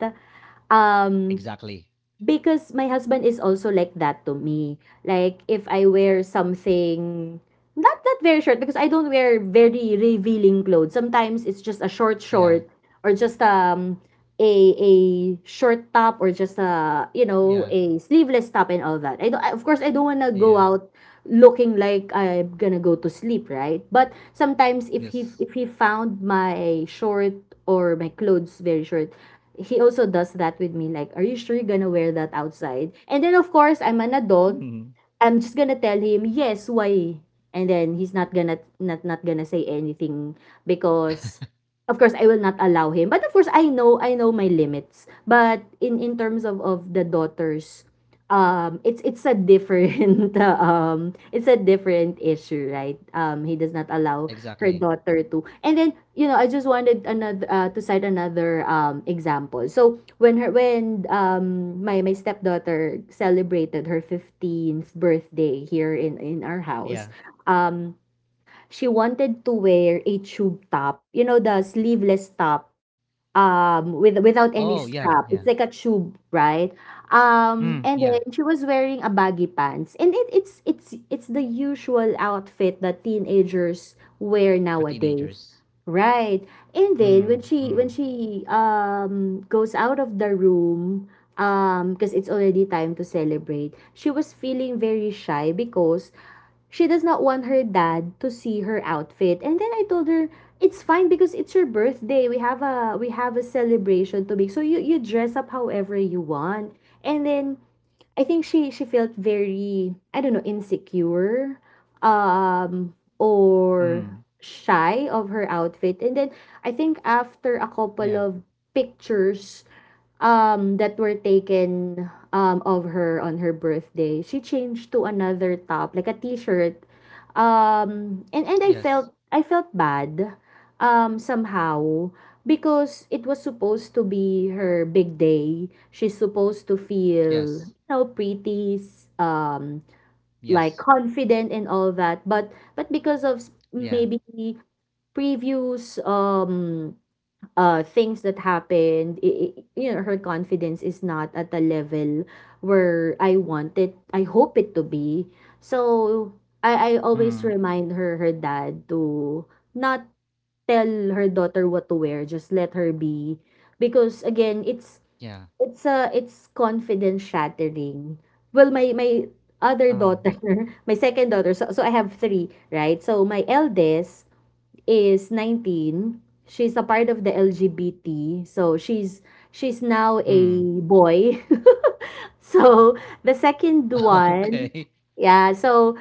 Speaker 2: Um,
Speaker 1: Exactly.
Speaker 2: because my husband is also like that to me. Like if I wear something, not that very short, because I don't wear very revealing clothes. Sometimes it's just a short
Speaker 1: yeah
Speaker 2: short, or just a short top, or just, a you know,
Speaker 1: yeah
Speaker 2: a sleeveless top and all that. I don't I- of course I don't want to go
Speaker 1: yeah
Speaker 2: out looking like I'm going to go to sleep, right? But sometimes if
Speaker 1: yes
Speaker 2: he found my short or my clothes very short, he also does that with me, like, are you sure you're going to wear that outside? And then of course, I'm an adult,
Speaker 1: Mhm.
Speaker 2: I'm just gonna tell him, yes, why? And then he's not gonna say anything because of course I will not allow him. But of course I know my limits. But in terms of the daughters, it's a different it's a different issue, right? He does not allow
Speaker 1: Exactly.
Speaker 2: her daughter to. And then, you know, I just wanted another, to cite another example. So when her, when my my stepdaughter celebrated her 15th birthday here in our
Speaker 1: Yeah.
Speaker 2: house, um she wanted to wear a tube top, you know, the sleeveless top, with, without
Speaker 1: Oh,
Speaker 2: any
Speaker 1: yeah, yeah.
Speaker 2: strap. It's like a tube, right?
Speaker 1: Mm, yeah,
Speaker 2: And then she was wearing a baggy pants, and it, it's the usual outfit that teenagers
Speaker 1: for
Speaker 2: wear
Speaker 1: teenagers.
Speaker 2: nowadays. Right. And
Speaker 1: Mm,
Speaker 2: then when
Speaker 1: mm,
Speaker 2: she, goes out of the room, because it's already time to celebrate, she was feeling very shy because she does not want her dad to see her outfit. And then I told her, it's fine because it's your birthday. We have a, celebration to make. So you, dress up however you want. And then I think she felt very, I don't know, insecure,
Speaker 1: mm,
Speaker 2: or shy of her outfit. And then I think after a
Speaker 1: yeah.
Speaker 2: couple of pictures that were taken of her on her birthday, she changed to another top, like a t-shirt.
Speaker 1: Yes.
Speaker 2: And I felt bad, somehow, because it was supposed to be her big day. She's supposed to
Speaker 1: Yes.
Speaker 2: feel, you know, pretty, like
Speaker 1: Yes.
Speaker 2: confident and all that. But because of
Speaker 1: Yeah.
Speaker 2: maybe previous things that happened, you know, her confidence is not at a level where I want it, I hope it to be. So, I
Speaker 1: Mm.
Speaker 2: always remind her, her dad, to not tell her daughter what to wear, just let her be. Because again,
Speaker 1: Yeah.
Speaker 2: it's a, it's confidence shattering. Well, my other
Speaker 1: Uh,
Speaker 2: daughter, my second daughter, so, so I have three, right? So, my eldest is 19. She's a part of the LGBT, so she's now a
Speaker 1: mm.
Speaker 2: boy. So the second one,
Speaker 1: Okay.
Speaker 2: yeah, so,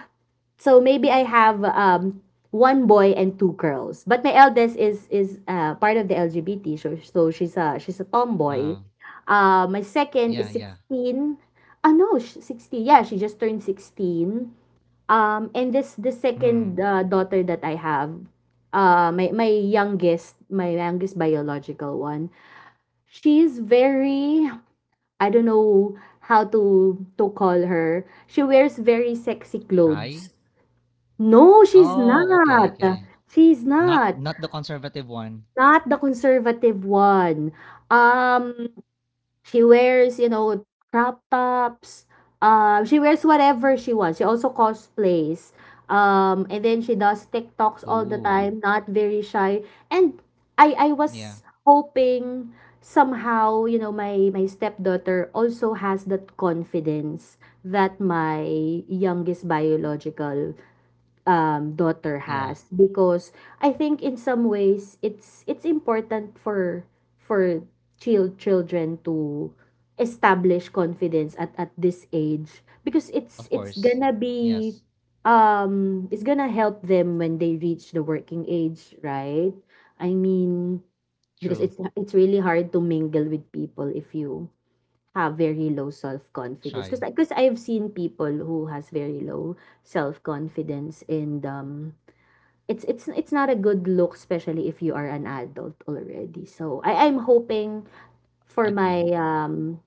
Speaker 2: so maybe I have one boy and two girls. But my eldest is part of the LGBT, so so she's a, tomboy.
Speaker 1: Uh,
Speaker 2: My second
Speaker 1: yeah,
Speaker 2: is
Speaker 1: yeah.
Speaker 2: 16. Ah no, 16. Yeah, she just turned 16. And this, the
Speaker 1: Mm.
Speaker 2: second, daughter that I have, my my youngest biological one, she's very, I don't know how to call her. She wears very sexy
Speaker 1: Shy?
Speaker 2: clothes. No, she's
Speaker 1: Oh, okay,
Speaker 2: not.
Speaker 1: okay.
Speaker 2: She's
Speaker 1: Not
Speaker 2: not.
Speaker 1: not the conservative one.
Speaker 2: Not the conservative one. Um, She wears, you know, crop tops. She wears whatever she wants. She also cosplays. And then she does TikToks all the
Speaker 1: Ooh.
Speaker 2: time, not very shy. And I
Speaker 1: Yeah.
Speaker 2: was hoping somehow, you know, my stepdaughter also has that confidence that my youngest biological daughter
Speaker 1: Yeah.
Speaker 2: has because I think in some ways it's important for for children to establish confidence at this age because
Speaker 1: Of
Speaker 2: it's
Speaker 1: course.
Speaker 2: gonna
Speaker 1: Yes.
Speaker 2: be it's gonna help them when they reach the working age, right? I mean
Speaker 1: True.
Speaker 2: because it's really hard to mingle with people if you have very low self-confidence,
Speaker 1: Shy.
Speaker 2: because I've seen people who has very low self-confidence, and it's not a good look, especially if you are an adult already. So I'm hoping for
Speaker 1: Agree.
Speaker 2: my um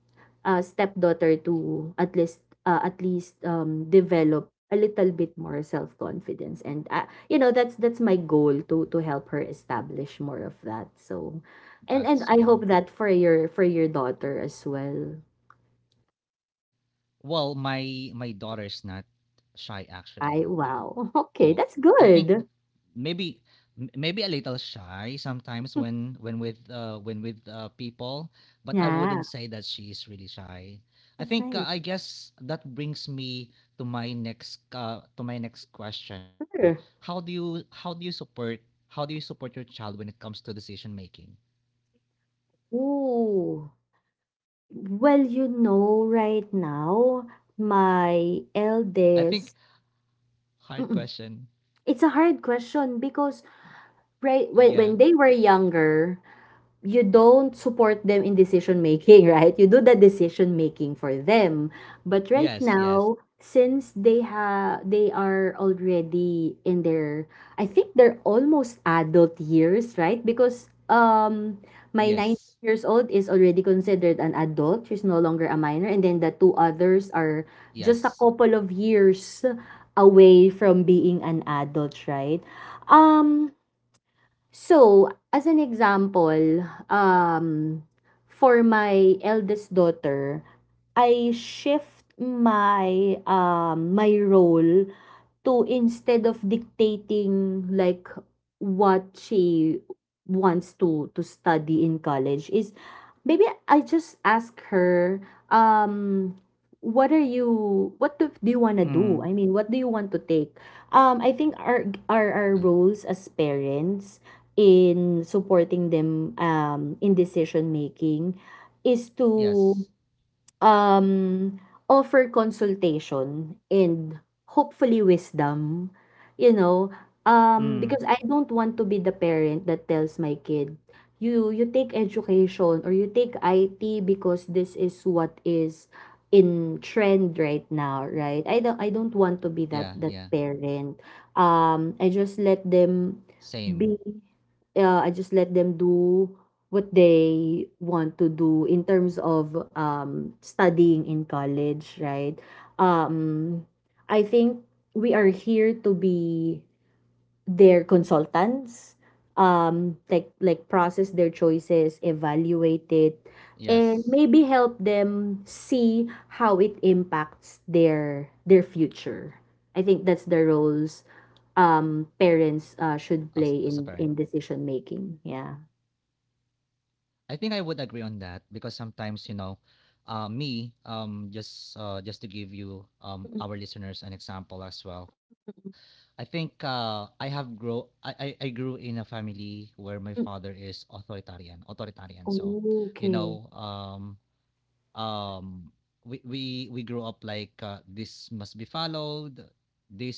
Speaker 2: uh, stepdaughter to at least develop a little bit more self-confidence. And that's my goal, to help her establish more of that. So and
Speaker 1: That's
Speaker 2: and I
Speaker 1: cool.
Speaker 2: hope that for your daughter as well.
Speaker 1: Well, my daughter's not shy
Speaker 2: I
Speaker 1: actually.
Speaker 2: Wow.
Speaker 1: Oh,
Speaker 2: Okay, that's
Speaker 1: I think
Speaker 2: good.
Speaker 1: maybe maybe a little shy sometimes when with people, but I wouldn't
Speaker 2: Yeah,
Speaker 1: say that she's really shy. I
Speaker 2: that's
Speaker 1: think
Speaker 2: nice.
Speaker 1: I guess that brings me to my next question. How do
Speaker 2: Sure.
Speaker 1: you how do you support how do you support your child when it comes to decision making?
Speaker 2: Ooh. Well, you know, right now, my
Speaker 1: I think
Speaker 2: eldest,
Speaker 1: Hard
Speaker 2: mm-mm,
Speaker 1: question.
Speaker 2: it's a hard question because right when
Speaker 1: Yeah.
Speaker 2: they were younger, you don't support them in decision making, right? You do the decision making for them. But right
Speaker 1: Yes, yes.
Speaker 2: now, since they are already in their, I think, they're almost adult years, right? Because my 19
Speaker 1: Yes.
Speaker 2: years old is already considered an adult. She's no longer a minor, and then the two others are just a
Speaker 1: Yes.
Speaker 2: couple of years away from being an adult, right? Um so, as an example, for my eldest daughter, I shift my my role to, instead of dictating like what she wants to study in college, is maybe I just ask her, um what are you, do you want to do?
Speaker 1: Mm.
Speaker 2: What do you want to take? I think our our
Speaker 1: Yeah.
Speaker 2: roles as parents in supporting them in decision making is to
Speaker 1: Yes.
Speaker 2: um, offer consultation and hopefully wisdom, you know?
Speaker 1: Mm.
Speaker 2: Because I don't want to be the parent that tells my kid, you take education or you take IT because this is what is in trend right now, right? I don't want to be
Speaker 1: Yeah,
Speaker 2: that
Speaker 1: yeah.
Speaker 2: parent. I just let them be,
Speaker 1: Same.
Speaker 2: I just let them do what they want to do in terms of, studying in college, right? Um, I think we are here to be their consultants, like, process their choices, evaluate it, and
Speaker 1: Yes,
Speaker 2: maybe help them see how it impacts their future. I think that's the roles parents should
Speaker 1: as
Speaker 2: play
Speaker 1: a parent,
Speaker 2: in decision making, yeah.
Speaker 1: I think I would agree on that because sometimes, you know, me, just to give you
Speaker 2: Mm,
Speaker 1: our listeners an example as well, I think I have grow I grew in a family where my
Speaker 2: mm,
Speaker 1: father is authoritarian authoritarian, so,
Speaker 2: mm.
Speaker 1: you
Speaker 2: Okay.
Speaker 1: know, um we grew up like, this must be followed,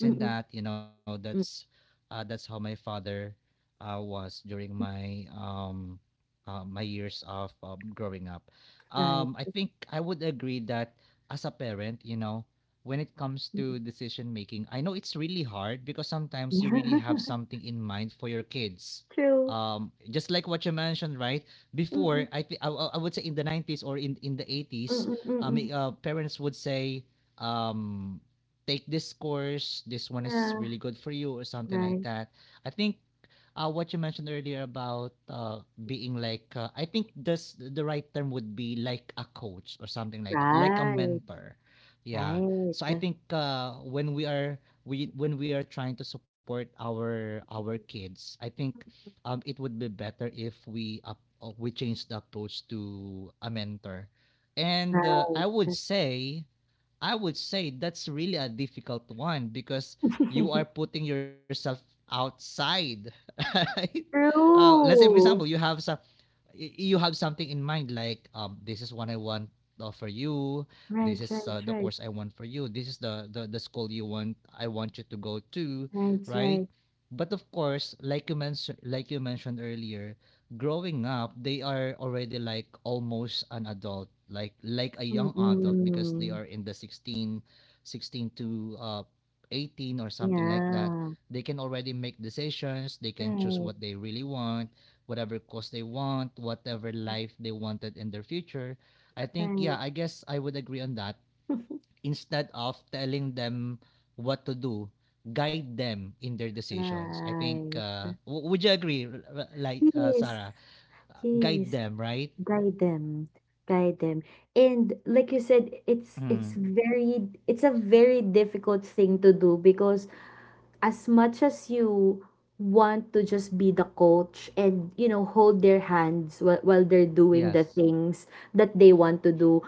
Speaker 2: Mm, mm,
Speaker 1: and that, you know.
Speaker 2: mm.
Speaker 1: That's that's how my father was during my my years of growing up.
Speaker 2: Right.
Speaker 1: I think I would agree that as a parent, you know, when it comes
Speaker 2: Mm,
Speaker 1: to
Speaker 2: mm.
Speaker 1: decision making, I know it's really hard because sometimes you really
Speaker 2: Yeah.
Speaker 1: have something in mind for your kids,
Speaker 2: True.
Speaker 1: just like what you mentioned, right?
Speaker 2: Mm,
Speaker 1: Before,
Speaker 2: mm,
Speaker 1: I would say in the 90s or in the
Speaker 2: mm,
Speaker 1: 80s,
Speaker 2: mm, mm, mm.
Speaker 1: parents would say, um take this course, this one is
Speaker 2: Yeah.
Speaker 1: really good for you or something like
Speaker 2: Right,
Speaker 1: that. I think what you mentioned earlier about, being like I think this the right term would be like a coach or something like that, like a
Speaker 2: right,
Speaker 1: mentor. Yeah. So I
Speaker 2: right.
Speaker 1: think when we are trying to support our kids, I think it would be better if we we change the approach to a mentor. And
Speaker 2: Right. That's
Speaker 1: I would say that's really a difficult one because you are putting yourself outside. Right? Let's say, for example, you
Speaker 2: true.
Speaker 1: have some, you have something in mind like, this is what I want for you, this
Speaker 2: Right,
Speaker 1: is
Speaker 2: right,
Speaker 1: the
Speaker 2: right,
Speaker 1: course I want for you, this is the school you want, I want you to go to,
Speaker 2: right,
Speaker 1: right?
Speaker 2: right.
Speaker 1: But of course, like you mentioned, like you mentioned earlier, growing up they are already like almost an adult, like a young adult, because they
Speaker 2: Mm-mm.
Speaker 1: are in the 16, 16 to 18 or something like that.
Speaker 2: Yeah.
Speaker 1: They can already make decisions, they can choose
Speaker 2: Right,
Speaker 1: what they really want, whatever cause they want, whatever life they wanted in their future. I think, yeah,
Speaker 2: right,
Speaker 1: I guess I would agree on that. Instead of telling them what to do, guide them in their decisions. I think,
Speaker 2: right.
Speaker 1: would you agree, like
Speaker 2: Yes,
Speaker 1: Sarah? Guide
Speaker 2: yes.
Speaker 1: them, right?
Speaker 2: Guide them, guide them. And like you said, it's
Speaker 1: Mm.
Speaker 2: very, it's a very difficult thing to do because, as much as you want to just be the coach and, you know, hold their hands while, they're doing the
Speaker 1: Yes,
Speaker 2: things that they want to do,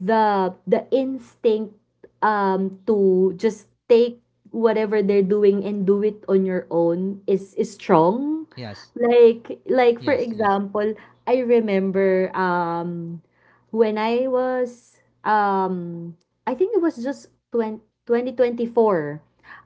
Speaker 2: the instinct to just take whatever they're doing and do it on your own is strong.
Speaker 1: yes,
Speaker 2: Like for
Speaker 1: yes, yes.
Speaker 2: example, I remember when I was I think it was just 20, 2024,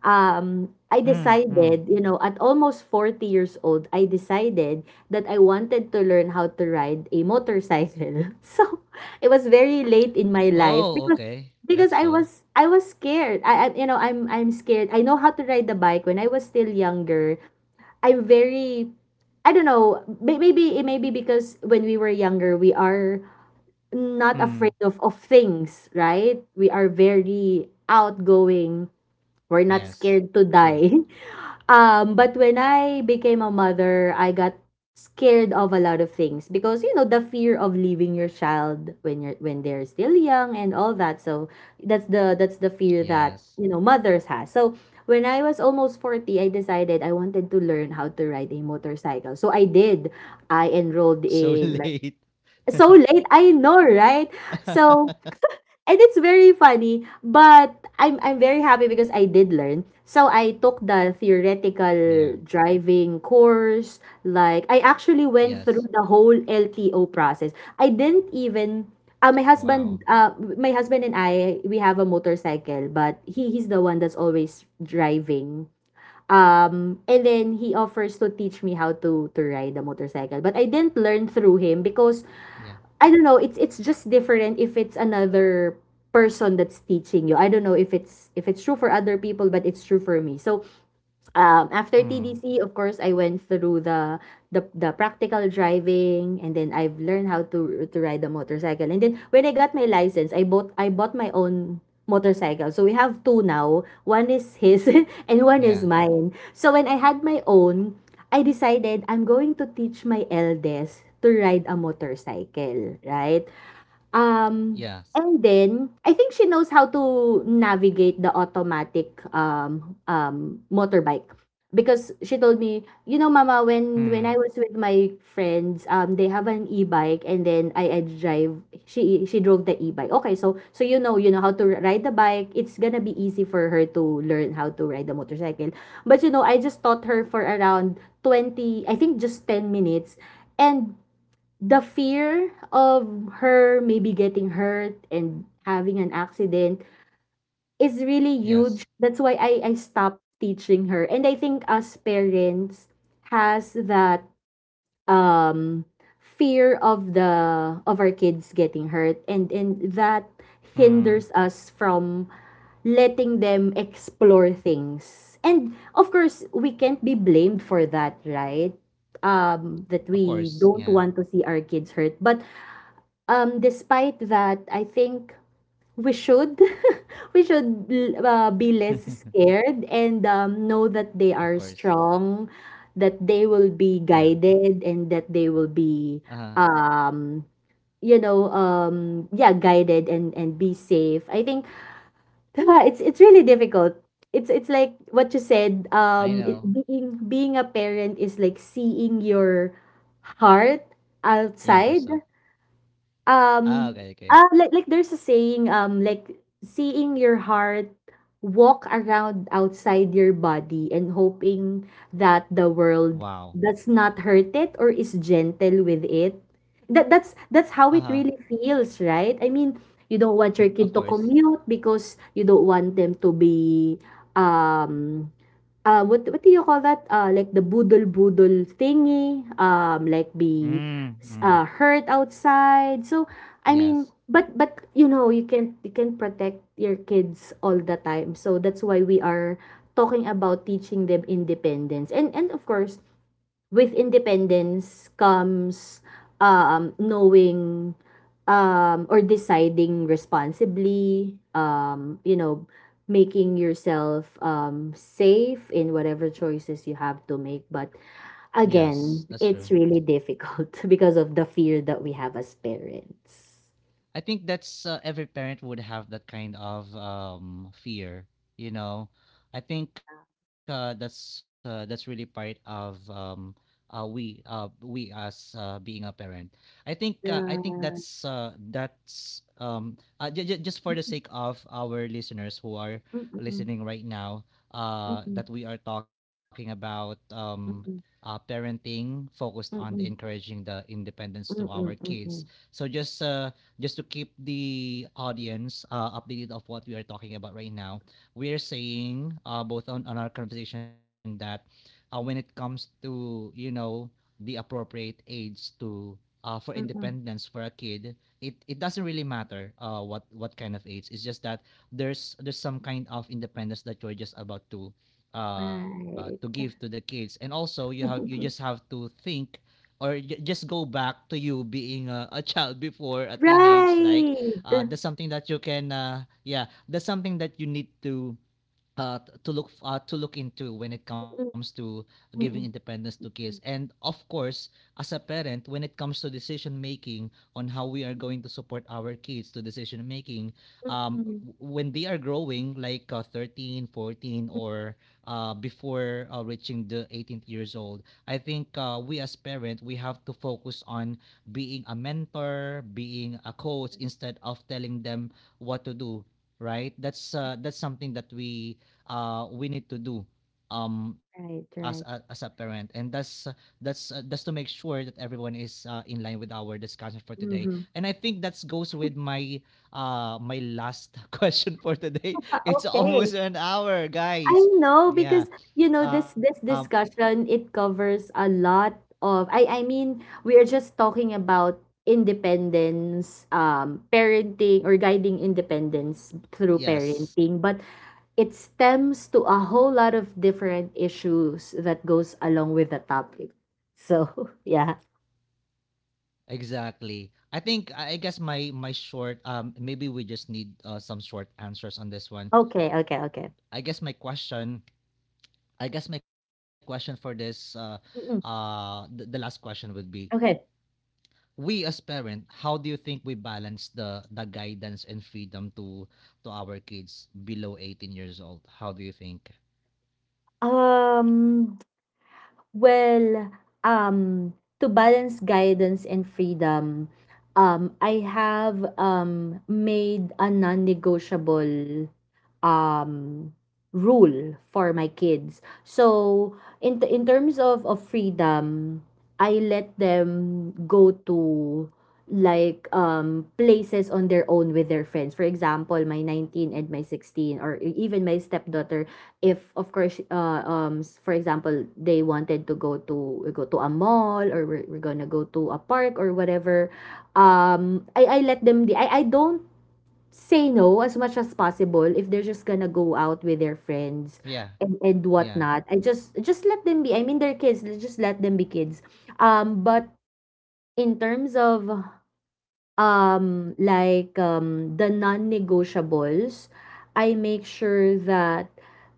Speaker 2: I
Speaker 1: Mm, mm.
Speaker 2: decided, you know, at almost 40 years old, I decided that I wanted to learn how to ride a motorcycle. So it was very late in my life
Speaker 1: Oh,
Speaker 2: because
Speaker 1: okay. That's
Speaker 2: I
Speaker 1: cool.
Speaker 2: was, I was scared. I You know, I'm scared. I know how to ride the bike when I was still younger. I'm very, I don't know. Maybe it may be because when we were younger, we are not
Speaker 1: Mm.
Speaker 2: afraid of things, right? We are very outgoing, we're not
Speaker 1: Yes,
Speaker 2: scared to
Speaker 1: true.
Speaker 2: die. But when I became a mother, I got scared of a lot of things because, you know, the fear of leaving your child when you're when they're still young and all that. So that's the fear that,
Speaker 1: Yes.
Speaker 2: you know, mothers has. So when I was almost 40, I decided I wanted to learn how to ride a motorcycle. So I did. I enrolled
Speaker 1: So
Speaker 2: in like,
Speaker 1: late.
Speaker 2: so late, I know, right? So, and it's very funny, but I'm very happy because I did learn. So I took the theoretical
Speaker 1: Yeah,
Speaker 2: driving course. Like, I actually went
Speaker 1: yes.
Speaker 2: through the whole LTO process. I didn't even,
Speaker 1: Wow.
Speaker 2: my husband and I, we have a motorcycle, but he's the one that's always driving. Um, and then he offers to teach me how to ride the motorcycle, but I didn't learn through him because,
Speaker 1: Yeah.
Speaker 2: I don't know, it's just different if it's another person that's teaching you. I don't know if it's true for other people, but it's true for me. So, um, after
Speaker 1: Mm.
Speaker 2: TDC, of course, I went through the the practical driving, and then I've learned how to ride a motorcycle. And then when I got my license, I bought my own motorcycle. So we have two now. One is his and one
Speaker 1: Yeah.
Speaker 2: is mine. So when I had my own, I decided I'm going to teach my eldest to ride a motorcycle, right? Um,
Speaker 1: Yes.
Speaker 2: and then I think she knows how to navigate the automatic motorbike because she told me, you know, Mama, when I
Speaker 1: Mm.
Speaker 2: was with my friends, they have an e-bike, and then I drive. She drove the e-bike. Okay, so, you know, you know how to ride the bike. It's gonna be easy for her to learn how to ride the motorcycle. But you know, I just taught her for around 20. I think just 10 minutes, and the fear of her maybe getting hurt and having an accident is really
Speaker 1: Yes.
Speaker 2: huge. That's why I stopped teaching her. And I think us parents has that um fear of the of our kids getting hurt, and that
Speaker 1: Mm.
Speaker 2: hinders us from letting them explore things. And of course, we can't be blamed for that, right?
Speaker 1: Of
Speaker 2: That
Speaker 1: course.
Speaker 2: we
Speaker 1: Yeah.
Speaker 2: don't want to see our kids hurt. But despite that, I think we should we should be less scared and, know that
Speaker 1: Of
Speaker 2: they are
Speaker 1: course.
Speaker 2: strong, that they will be
Speaker 1: Yeah.
Speaker 2: guided, and that they will be,
Speaker 1: Uh-huh.
Speaker 2: um you know, yeah, guided and be safe. I think it's really difficult. It's like what you
Speaker 1: I
Speaker 2: said,
Speaker 1: know.
Speaker 2: being a parent is like seeing your heart
Speaker 1: Younger self.
Speaker 2: outside.
Speaker 1: Ah, okay, okay.
Speaker 2: Um, ah, like, there's a saying, like, "Seeing your heart walk around outside your body and hoping that the
Speaker 1: Wow.
Speaker 2: world does not hurt it or is gentle with it." That's
Speaker 1: Uh-huh.
Speaker 2: how it really feels, right? I mean, you don't
Speaker 1: Of
Speaker 2: want your kid
Speaker 1: course.
Speaker 2: to commute because you don't want them to be, um what, do you call that? Like the budol-budol thingy, like
Speaker 1: Mm.
Speaker 2: be
Speaker 1: Mm.
Speaker 2: hurt outside. So, I
Speaker 1: Yes.
Speaker 2: mean, but you know, you can protect your kids all the time. So that's why we are talking about teaching them independence. And of course, with independence comes, knowing, or deciding responsibly, you know, making yourself, safe in whatever choices you have to make. But
Speaker 1: Yes,
Speaker 2: again,
Speaker 1: that's true.
Speaker 2: it's really difficult because of the fear that we have as parents.
Speaker 1: I think that's every parent would have that kind of fear. You know, I think that's really part of, we as being a parent. I think
Speaker 2: Yeah.
Speaker 1: that's j- j- Just for the sake of our listeners who are
Speaker 2: Mm-mm,
Speaker 1: listening right now,
Speaker 2: mm-mm,
Speaker 1: that we are talking about.
Speaker 2: mm-mm,
Speaker 1: Parenting focused on
Speaker 2: mm-mm,
Speaker 1: encouraging the independence
Speaker 2: mm-mm,
Speaker 1: to our
Speaker 2: mm-mm,
Speaker 1: kids. So just to keep the audience updated of what we are talking about right now, we are saying, on our conversation that, when it comes to, you know, the appropriate age to, for
Speaker 2: mm-mm.
Speaker 1: independence for a kid, it doesn't really matter what kind of age. It's just that there's some kind of independence that you're just about to
Speaker 2: Right.
Speaker 1: give to the kids, and also you have, you just have to think, or just go back to you being a child before a teenage, like
Speaker 2: Right.
Speaker 1: that's something that you can yeah, that's something that you need to to look to look into when it comes
Speaker 2: Mm,
Speaker 1: to
Speaker 2: mm,
Speaker 1: giving
Speaker 2: mm.
Speaker 1: independence to kids. And of course, as a parent, when it comes to decision making, on how we are going to support our kids to decision making,
Speaker 2: Mm. Mm,
Speaker 1: w- when they are growing like 13 14,
Speaker 2: mm.
Speaker 1: or before reaching the 18th years old, I think we as parents we have to focus on being a mentor, being a coach, instead of telling them what to do, right? That's that's something that we need to do as
Speaker 2: Right,
Speaker 1: as a
Speaker 2: right.
Speaker 1: parent. And that's that's to make sure that everyone is in line with our discussion for today.
Speaker 2: Mhm.
Speaker 1: And I think that goes with my my last question for today. It's
Speaker 2: Okay.
Speaker 1: almost an hour,
Speaker 2: I
Speaker 1: guys.
Speaker 2: know, because,
Speaker 1: Yeah.
Speaker 2: you know, this
Speaker 1: Um,
Speaker 2: discussion, it covers a lot of, I mean, we are just talking about independence, um, parenting or guiding independence through
Speaker 1: yes.
Speaker 2: parenting, but it stems to a whole lot of different issues that goes along with the topic. So, yeah.
Speaker 1: Exactly. I think I guess my my short, maybe we just need some short answers on this one.
Speaker 2: Okay, okay, okay.
Speaker 1: I guess my question I guess my question for this,
Speaker 2: Mm-mm.
Speaker 1: the last question would be,
Speaker 2: Okay.
Speaker 1: we as parent, how do you think we balance the guidance and freedom to our kids below 18 years old? How do you think?
Speaker 2: Um, well, um, to balance guidance and freedom, I have, made a non-negotiable, um, rule for my kids. So in terms of
Speaker 1: Mm,
Speaker 2: freedom, I let them go to like places on their own with their friends, for example, my 19 and my 16, or even my stepdaughter, if of course for
Speaker 1: yeah,
Speaker 2: example they wanted to go to a mall, or we're gonna go to a park or whatever. I let them I don't say no as much as possible if they're just gonna go out with their friends
Speaker 1: yeah,
Speaker 2: and
Speaker 1: yeah.
Speaker 2: whatnot. I just let them be. I mean, they're kids, let's just let them be kids. But in terms of the non-negotiables, I make sure that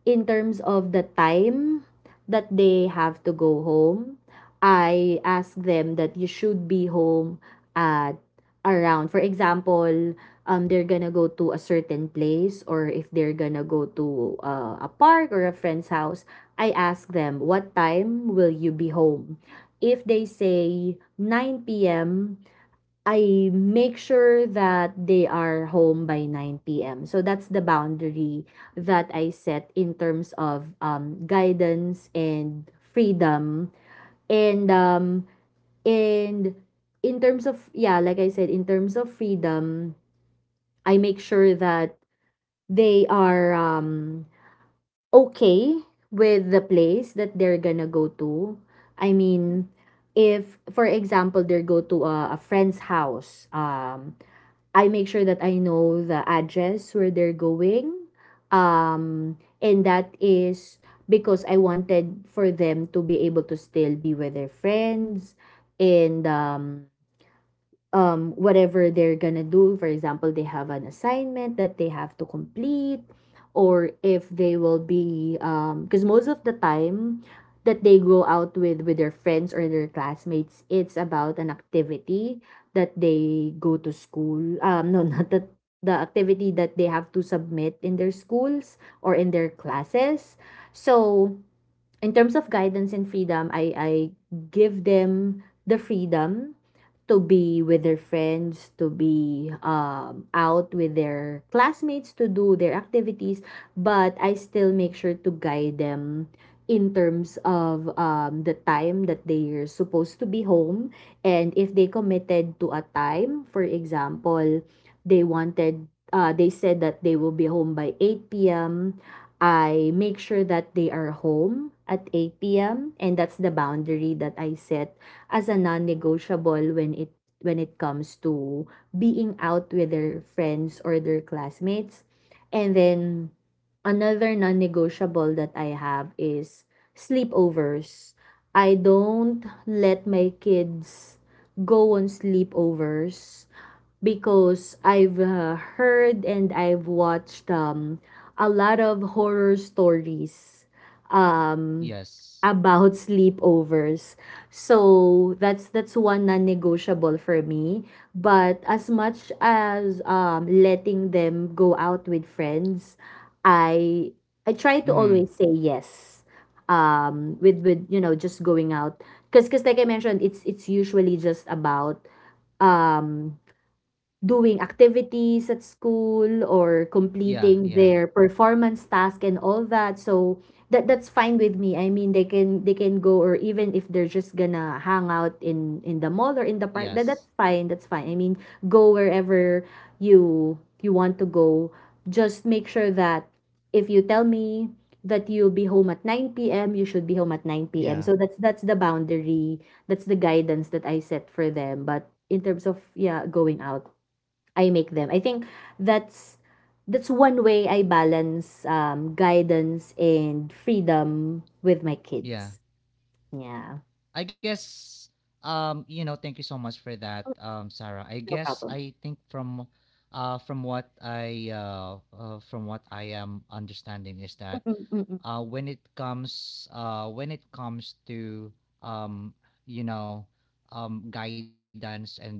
Speaker 2: in
Speaker 1: Shoot.
Speaker 2: terms of the time that they have to go home, I ask them that you should be home at around, for example, they're gonna go to a certain place, or if they're gonna go to a park or a friend's house, I ask them, what time will you be home? If they say 9 p.m., I make sure that they are home by 9 p.m. So that's the boundary that I set in terms of guidance and freedom. And um, and in terms of, yeah, like I said, in terms of freedom, I make sure that they are okay with the place that they're gonna go to. I mean, if for example they go to a friend's house, I make sure that I know the address where they're going. And that is because I wanted for them to be able to still be with their friends, and whatever they're gonna do. For example, they have an assignment that they have to complete, or if they will be because most of the time that they go out with their friends or their classmates, it's about an activity that they go to school no not that, the activity that they have to submit in their schools or in their classes. So in terms of guidance and freedom, I give them the freedom to be with their friends, to be out with their classmates, to do their activities, but I still make sure to guide them in terms of the time that they're supposed to be home. And if they committed to a time, for example, they wanted, they said that they will be home by 8 p.m., I make sure that they are home at 8 p.m., and that's the boundary that I set as a non-negotiable when it comes to being out with their friends or their classmates. And then another non-negotiable that I have is sleepovers.
Speaker 1: Yeah.
Speaker 2: I don't let my kids go on sleepovers because I've heard, and I've watched a lot of horror stories um,
Speaker 1: Yes.
Speaker 2: about sleepovers. So that's one non-negotiable for me. But as much as letting them go out with friends, I I try to always
Speaker 1: Mm-hmm.
Speaker 2: say yes. With with just going out, cause like I mentioned, it's usually just about um doing activities at school or completing
Speaker 1: Yeah.
Speaker 2: their
Speaker 1: Yeah.
Speaker 2: performance task and all that. So that's fine with me. I mean, they can go. Or even if they're just gonna hang out in the mall or in the park, that's
Speaker 1: Yes.
Speaker 2: fine, that's fine. I mean, go wherever you you want to go. Just make sure that if you tell me that you'll be home at 9 p.m., you should be home at 9 p.m. So that's
Speaker 1: Yeah.
Speaker 2: that's the boundary, that's the guidance that I set for them. But in terms of, yeah, going out, I make them. I think that's that's one way I balance guidance and freedom with my kids.
Speaker 1: Yeah.
Speaker 2: Yeah,
Speaker 1: I guess, you know, thank you so much for that, Sarah. I
Speaker 2: no
Speaker 1: guess
Speaker 2: problem.
Speaker 1: I think from, from what I am understanding is that,
Speaker 2: Mm-mm, mm-mm,
Speaker 1: when it comes to, um you know guidance and,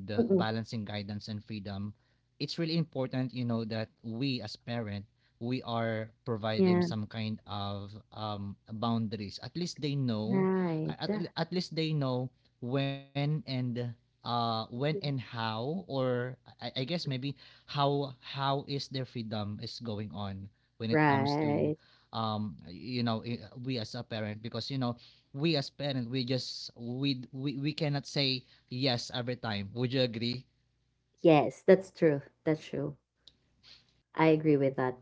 Speaker 2: mm-mm.
Speaker 1: balancing guidance and freedom, it's really important, you know, that we as parent, we are
Speaker 2: Yeah,
Speaker 1: providing some kind of boundaries. At least they know,
Speaker 2: right,
Speaker 1: at, at least they know when and, when and how, or I guess maybe how is their freedom is going on when it comes to
Speaker 2: right.
Speaker 1: you know, we as a parent, because, you know, we as parent, we just we cannot say yes every time. Would you agree?
Speaker 2: Yes, that's true. That's true. I agree with that.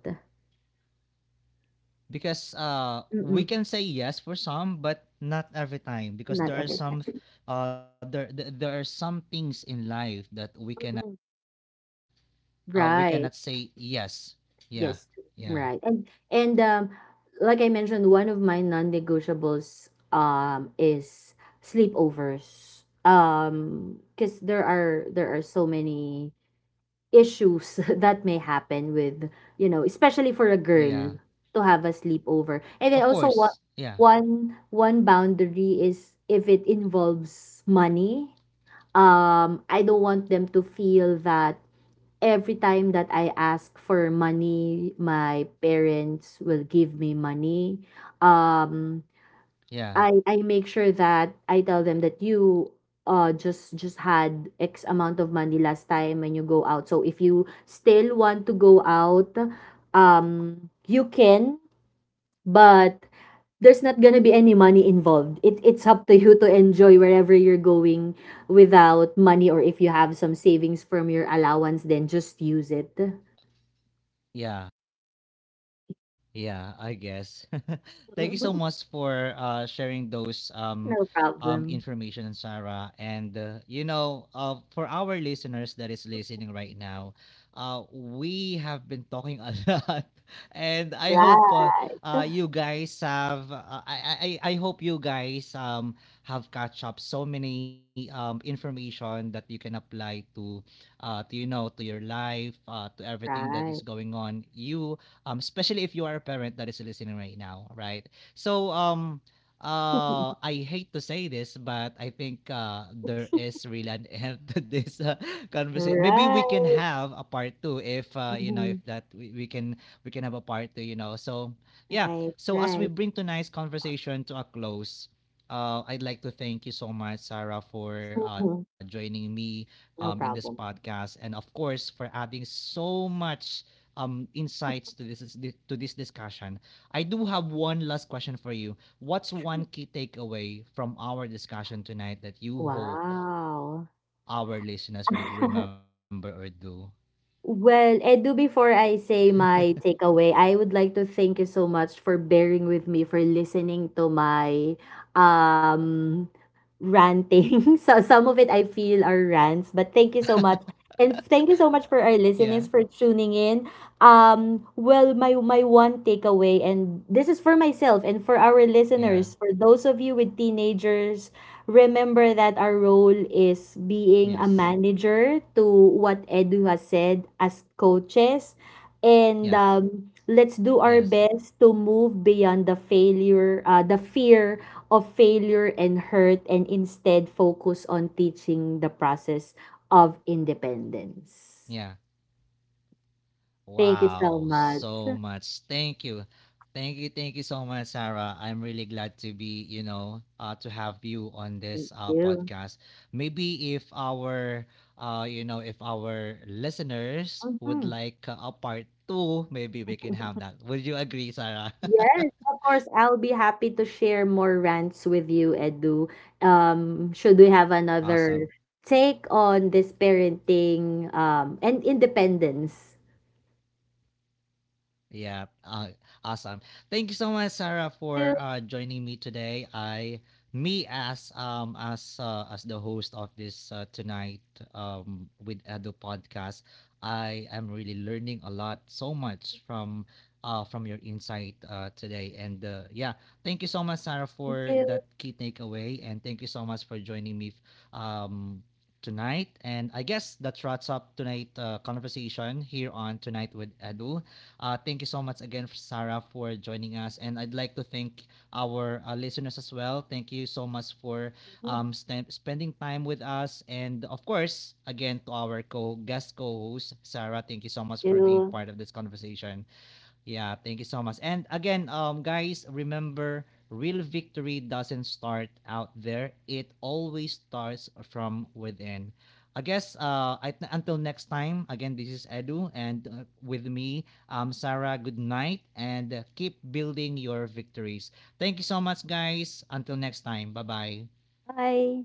Speaker 1: Because we
Speaker 2: Mm-mm,
Speaker 1: can say yes for some but not every time, because
Speaker 2: not
Speaker 1: there are
Speaker 2: everything.
Speaker 1: some, there are some things in life that we can,
Speaker 2: Mm-mm.
Speaker 1: we cannot
Speaker 2: Right.
Speaker 1: say yes. Yeah,
Speaker 2: Yes,
Speaker 1: yeah,
Speaker 2: right. And like I mentioned, one of my non-negotiables is sleepovers. Because there are so many issues that may happen with, you know, especially for a
Speaker 1: yeah.
Speaker 2: girl to have a sleepover. And
Speaker 1: Of
Speaker 2: then also
Speaker 1: course.
Speaker 2: what
Speaker 1: Yeah,
Speaker 2: one boundary is, if it involves money. I don't want them to feel that every time that I ask for money, my parents will give me money. Um,
Speaker 1: yeah,
Speaker 2: I make sure that I tell them that you just had X amount of money last time when you go out. So if you still want to go out, you can, but there's not gonna be any money involved. It's up to you to enjoy wherever you're going without money, or if you have some savings from your allowance, then just use it.
Speaker 1: yeah. Yeah, I guess. Thank you so
Speaker 2: Mhm.
Speaker 1: much for sharing those
Speaker 2: No problem.
Speaker 1: information, Sarah. And you know, for our listeners that is listening right now, we have been talking a lot, and I hope
Speaker 2: Right,
Speaker 1: you guys have. I hope you guys have catch up so many information that you can apply to, to, you know, to your life, to everything that is
Speaker 2: right.
Speaker 1: going on. You, especially if you are a parent that is listening right now, right? So, I hate to say this, but I think there is really an end to this conversation. Maybe we can
Speaker 2: Right.
Speaker 1: have a part two if, you know, if
Speaker 2: Mhm.
Speaker 1: that we can, we can have a part two. You know, so yeah.
Speaker 2: Right,
Speaker 1: So as we
Speaker 2: right.
Speaker 1: bring tonight's conversation to a close, I'd like to thank you so much, Sarah, for joining me in this
Speaker 2: No problem.
Speaker 1: podcast, and of course for adding so much insights to this discussion. I do have one last question for you. What's one key takeaway from our discussion tonight that you hope our
Speaker 2: Wow.
Speaker 1: listeners would remember or do?
Speaker 2: Well, Edu, before I say my takeaway, I would like to thank you so much for bearing with me, for listening to my um ranting. So some of it I feel are rants, but thank you so much. And thank you so much for our
Speaker 1: Yeah.
Speaker 2: listeners for tuning in. Well, my one takeaway, and this is for myself and for our listeners,
Speaker 1: Yeah.
Speaker 2: for those of you with teenagers, remember that our role is being a
Speaker 1: Yes.
Speaker 2: manager, to what Edu has said, as coaches. And
Speaker 1: Yes.
Speaker 2: um, let's do our
Speaker 1: Yes.
Speaker 2: best to move beyond the failure, the fear of failure and hurt, and instead focus on teaching the process of independence.
Speaker 1: Yeah.
Speaker 2: Thank you so
Speaker 1: Wow,
Speaker 2: much.
Speaker 1: so much. Thank you. Thank you, thank you so much, Sarah. I'm really glad to be, you know, to have you on
Speaker 2: Thank
Speaker 1: this
Speaker 2: you.
Speaker 1: podcast. Maybe if you know, if our listeners would
Speaker 2: Mhm.
Speaker 1: like a part two, maybe we can have that. Would you agree, Sarah?
Speaker 2: Yes, of course, I'll be happy to share more rants with you, Edu. Should we have another
Speaker 1: Awesome.
Speaker 2: take on this parenting and independence?
Speaker 1: Yeah, awesome. Thank you so much, Sarah, for
Speaker 2: Thank
Speaker 1: joining me today. Me as the host of this Tonight with Edo podcast, I am really learning a lot, so much from your insight today. And yeah, thank you so much, Sarah, for
Speaker 2: you.
Speaker 1: that key takeaway, and thank you so much for joining me um tonight. And I guess that wraps up tonight conversation here on Tonight with Edu. Thank you so much again, Sarah, for joining us. And I'd like to thank our listeners as well. Thank you so much for
Speaker 2: Thank you.
Speaker 1: spending time with us. And of course, again, to our co guest co host, Sarah, thank you so much
Speaker 2: Thank
Speaker 1: for being
Speaker 2: you.
Speaker 1: part of this conversation. Yeah, thank you so much. And again, guys, remember, real victory doesn't start out there. It always starts from within. I guess until next time. Again, this is Edu, and with me, Sarah. Good night, and keep building your victories. Thank you so much, guys. Until next time. Bye bye.
Speaker 2: Bye.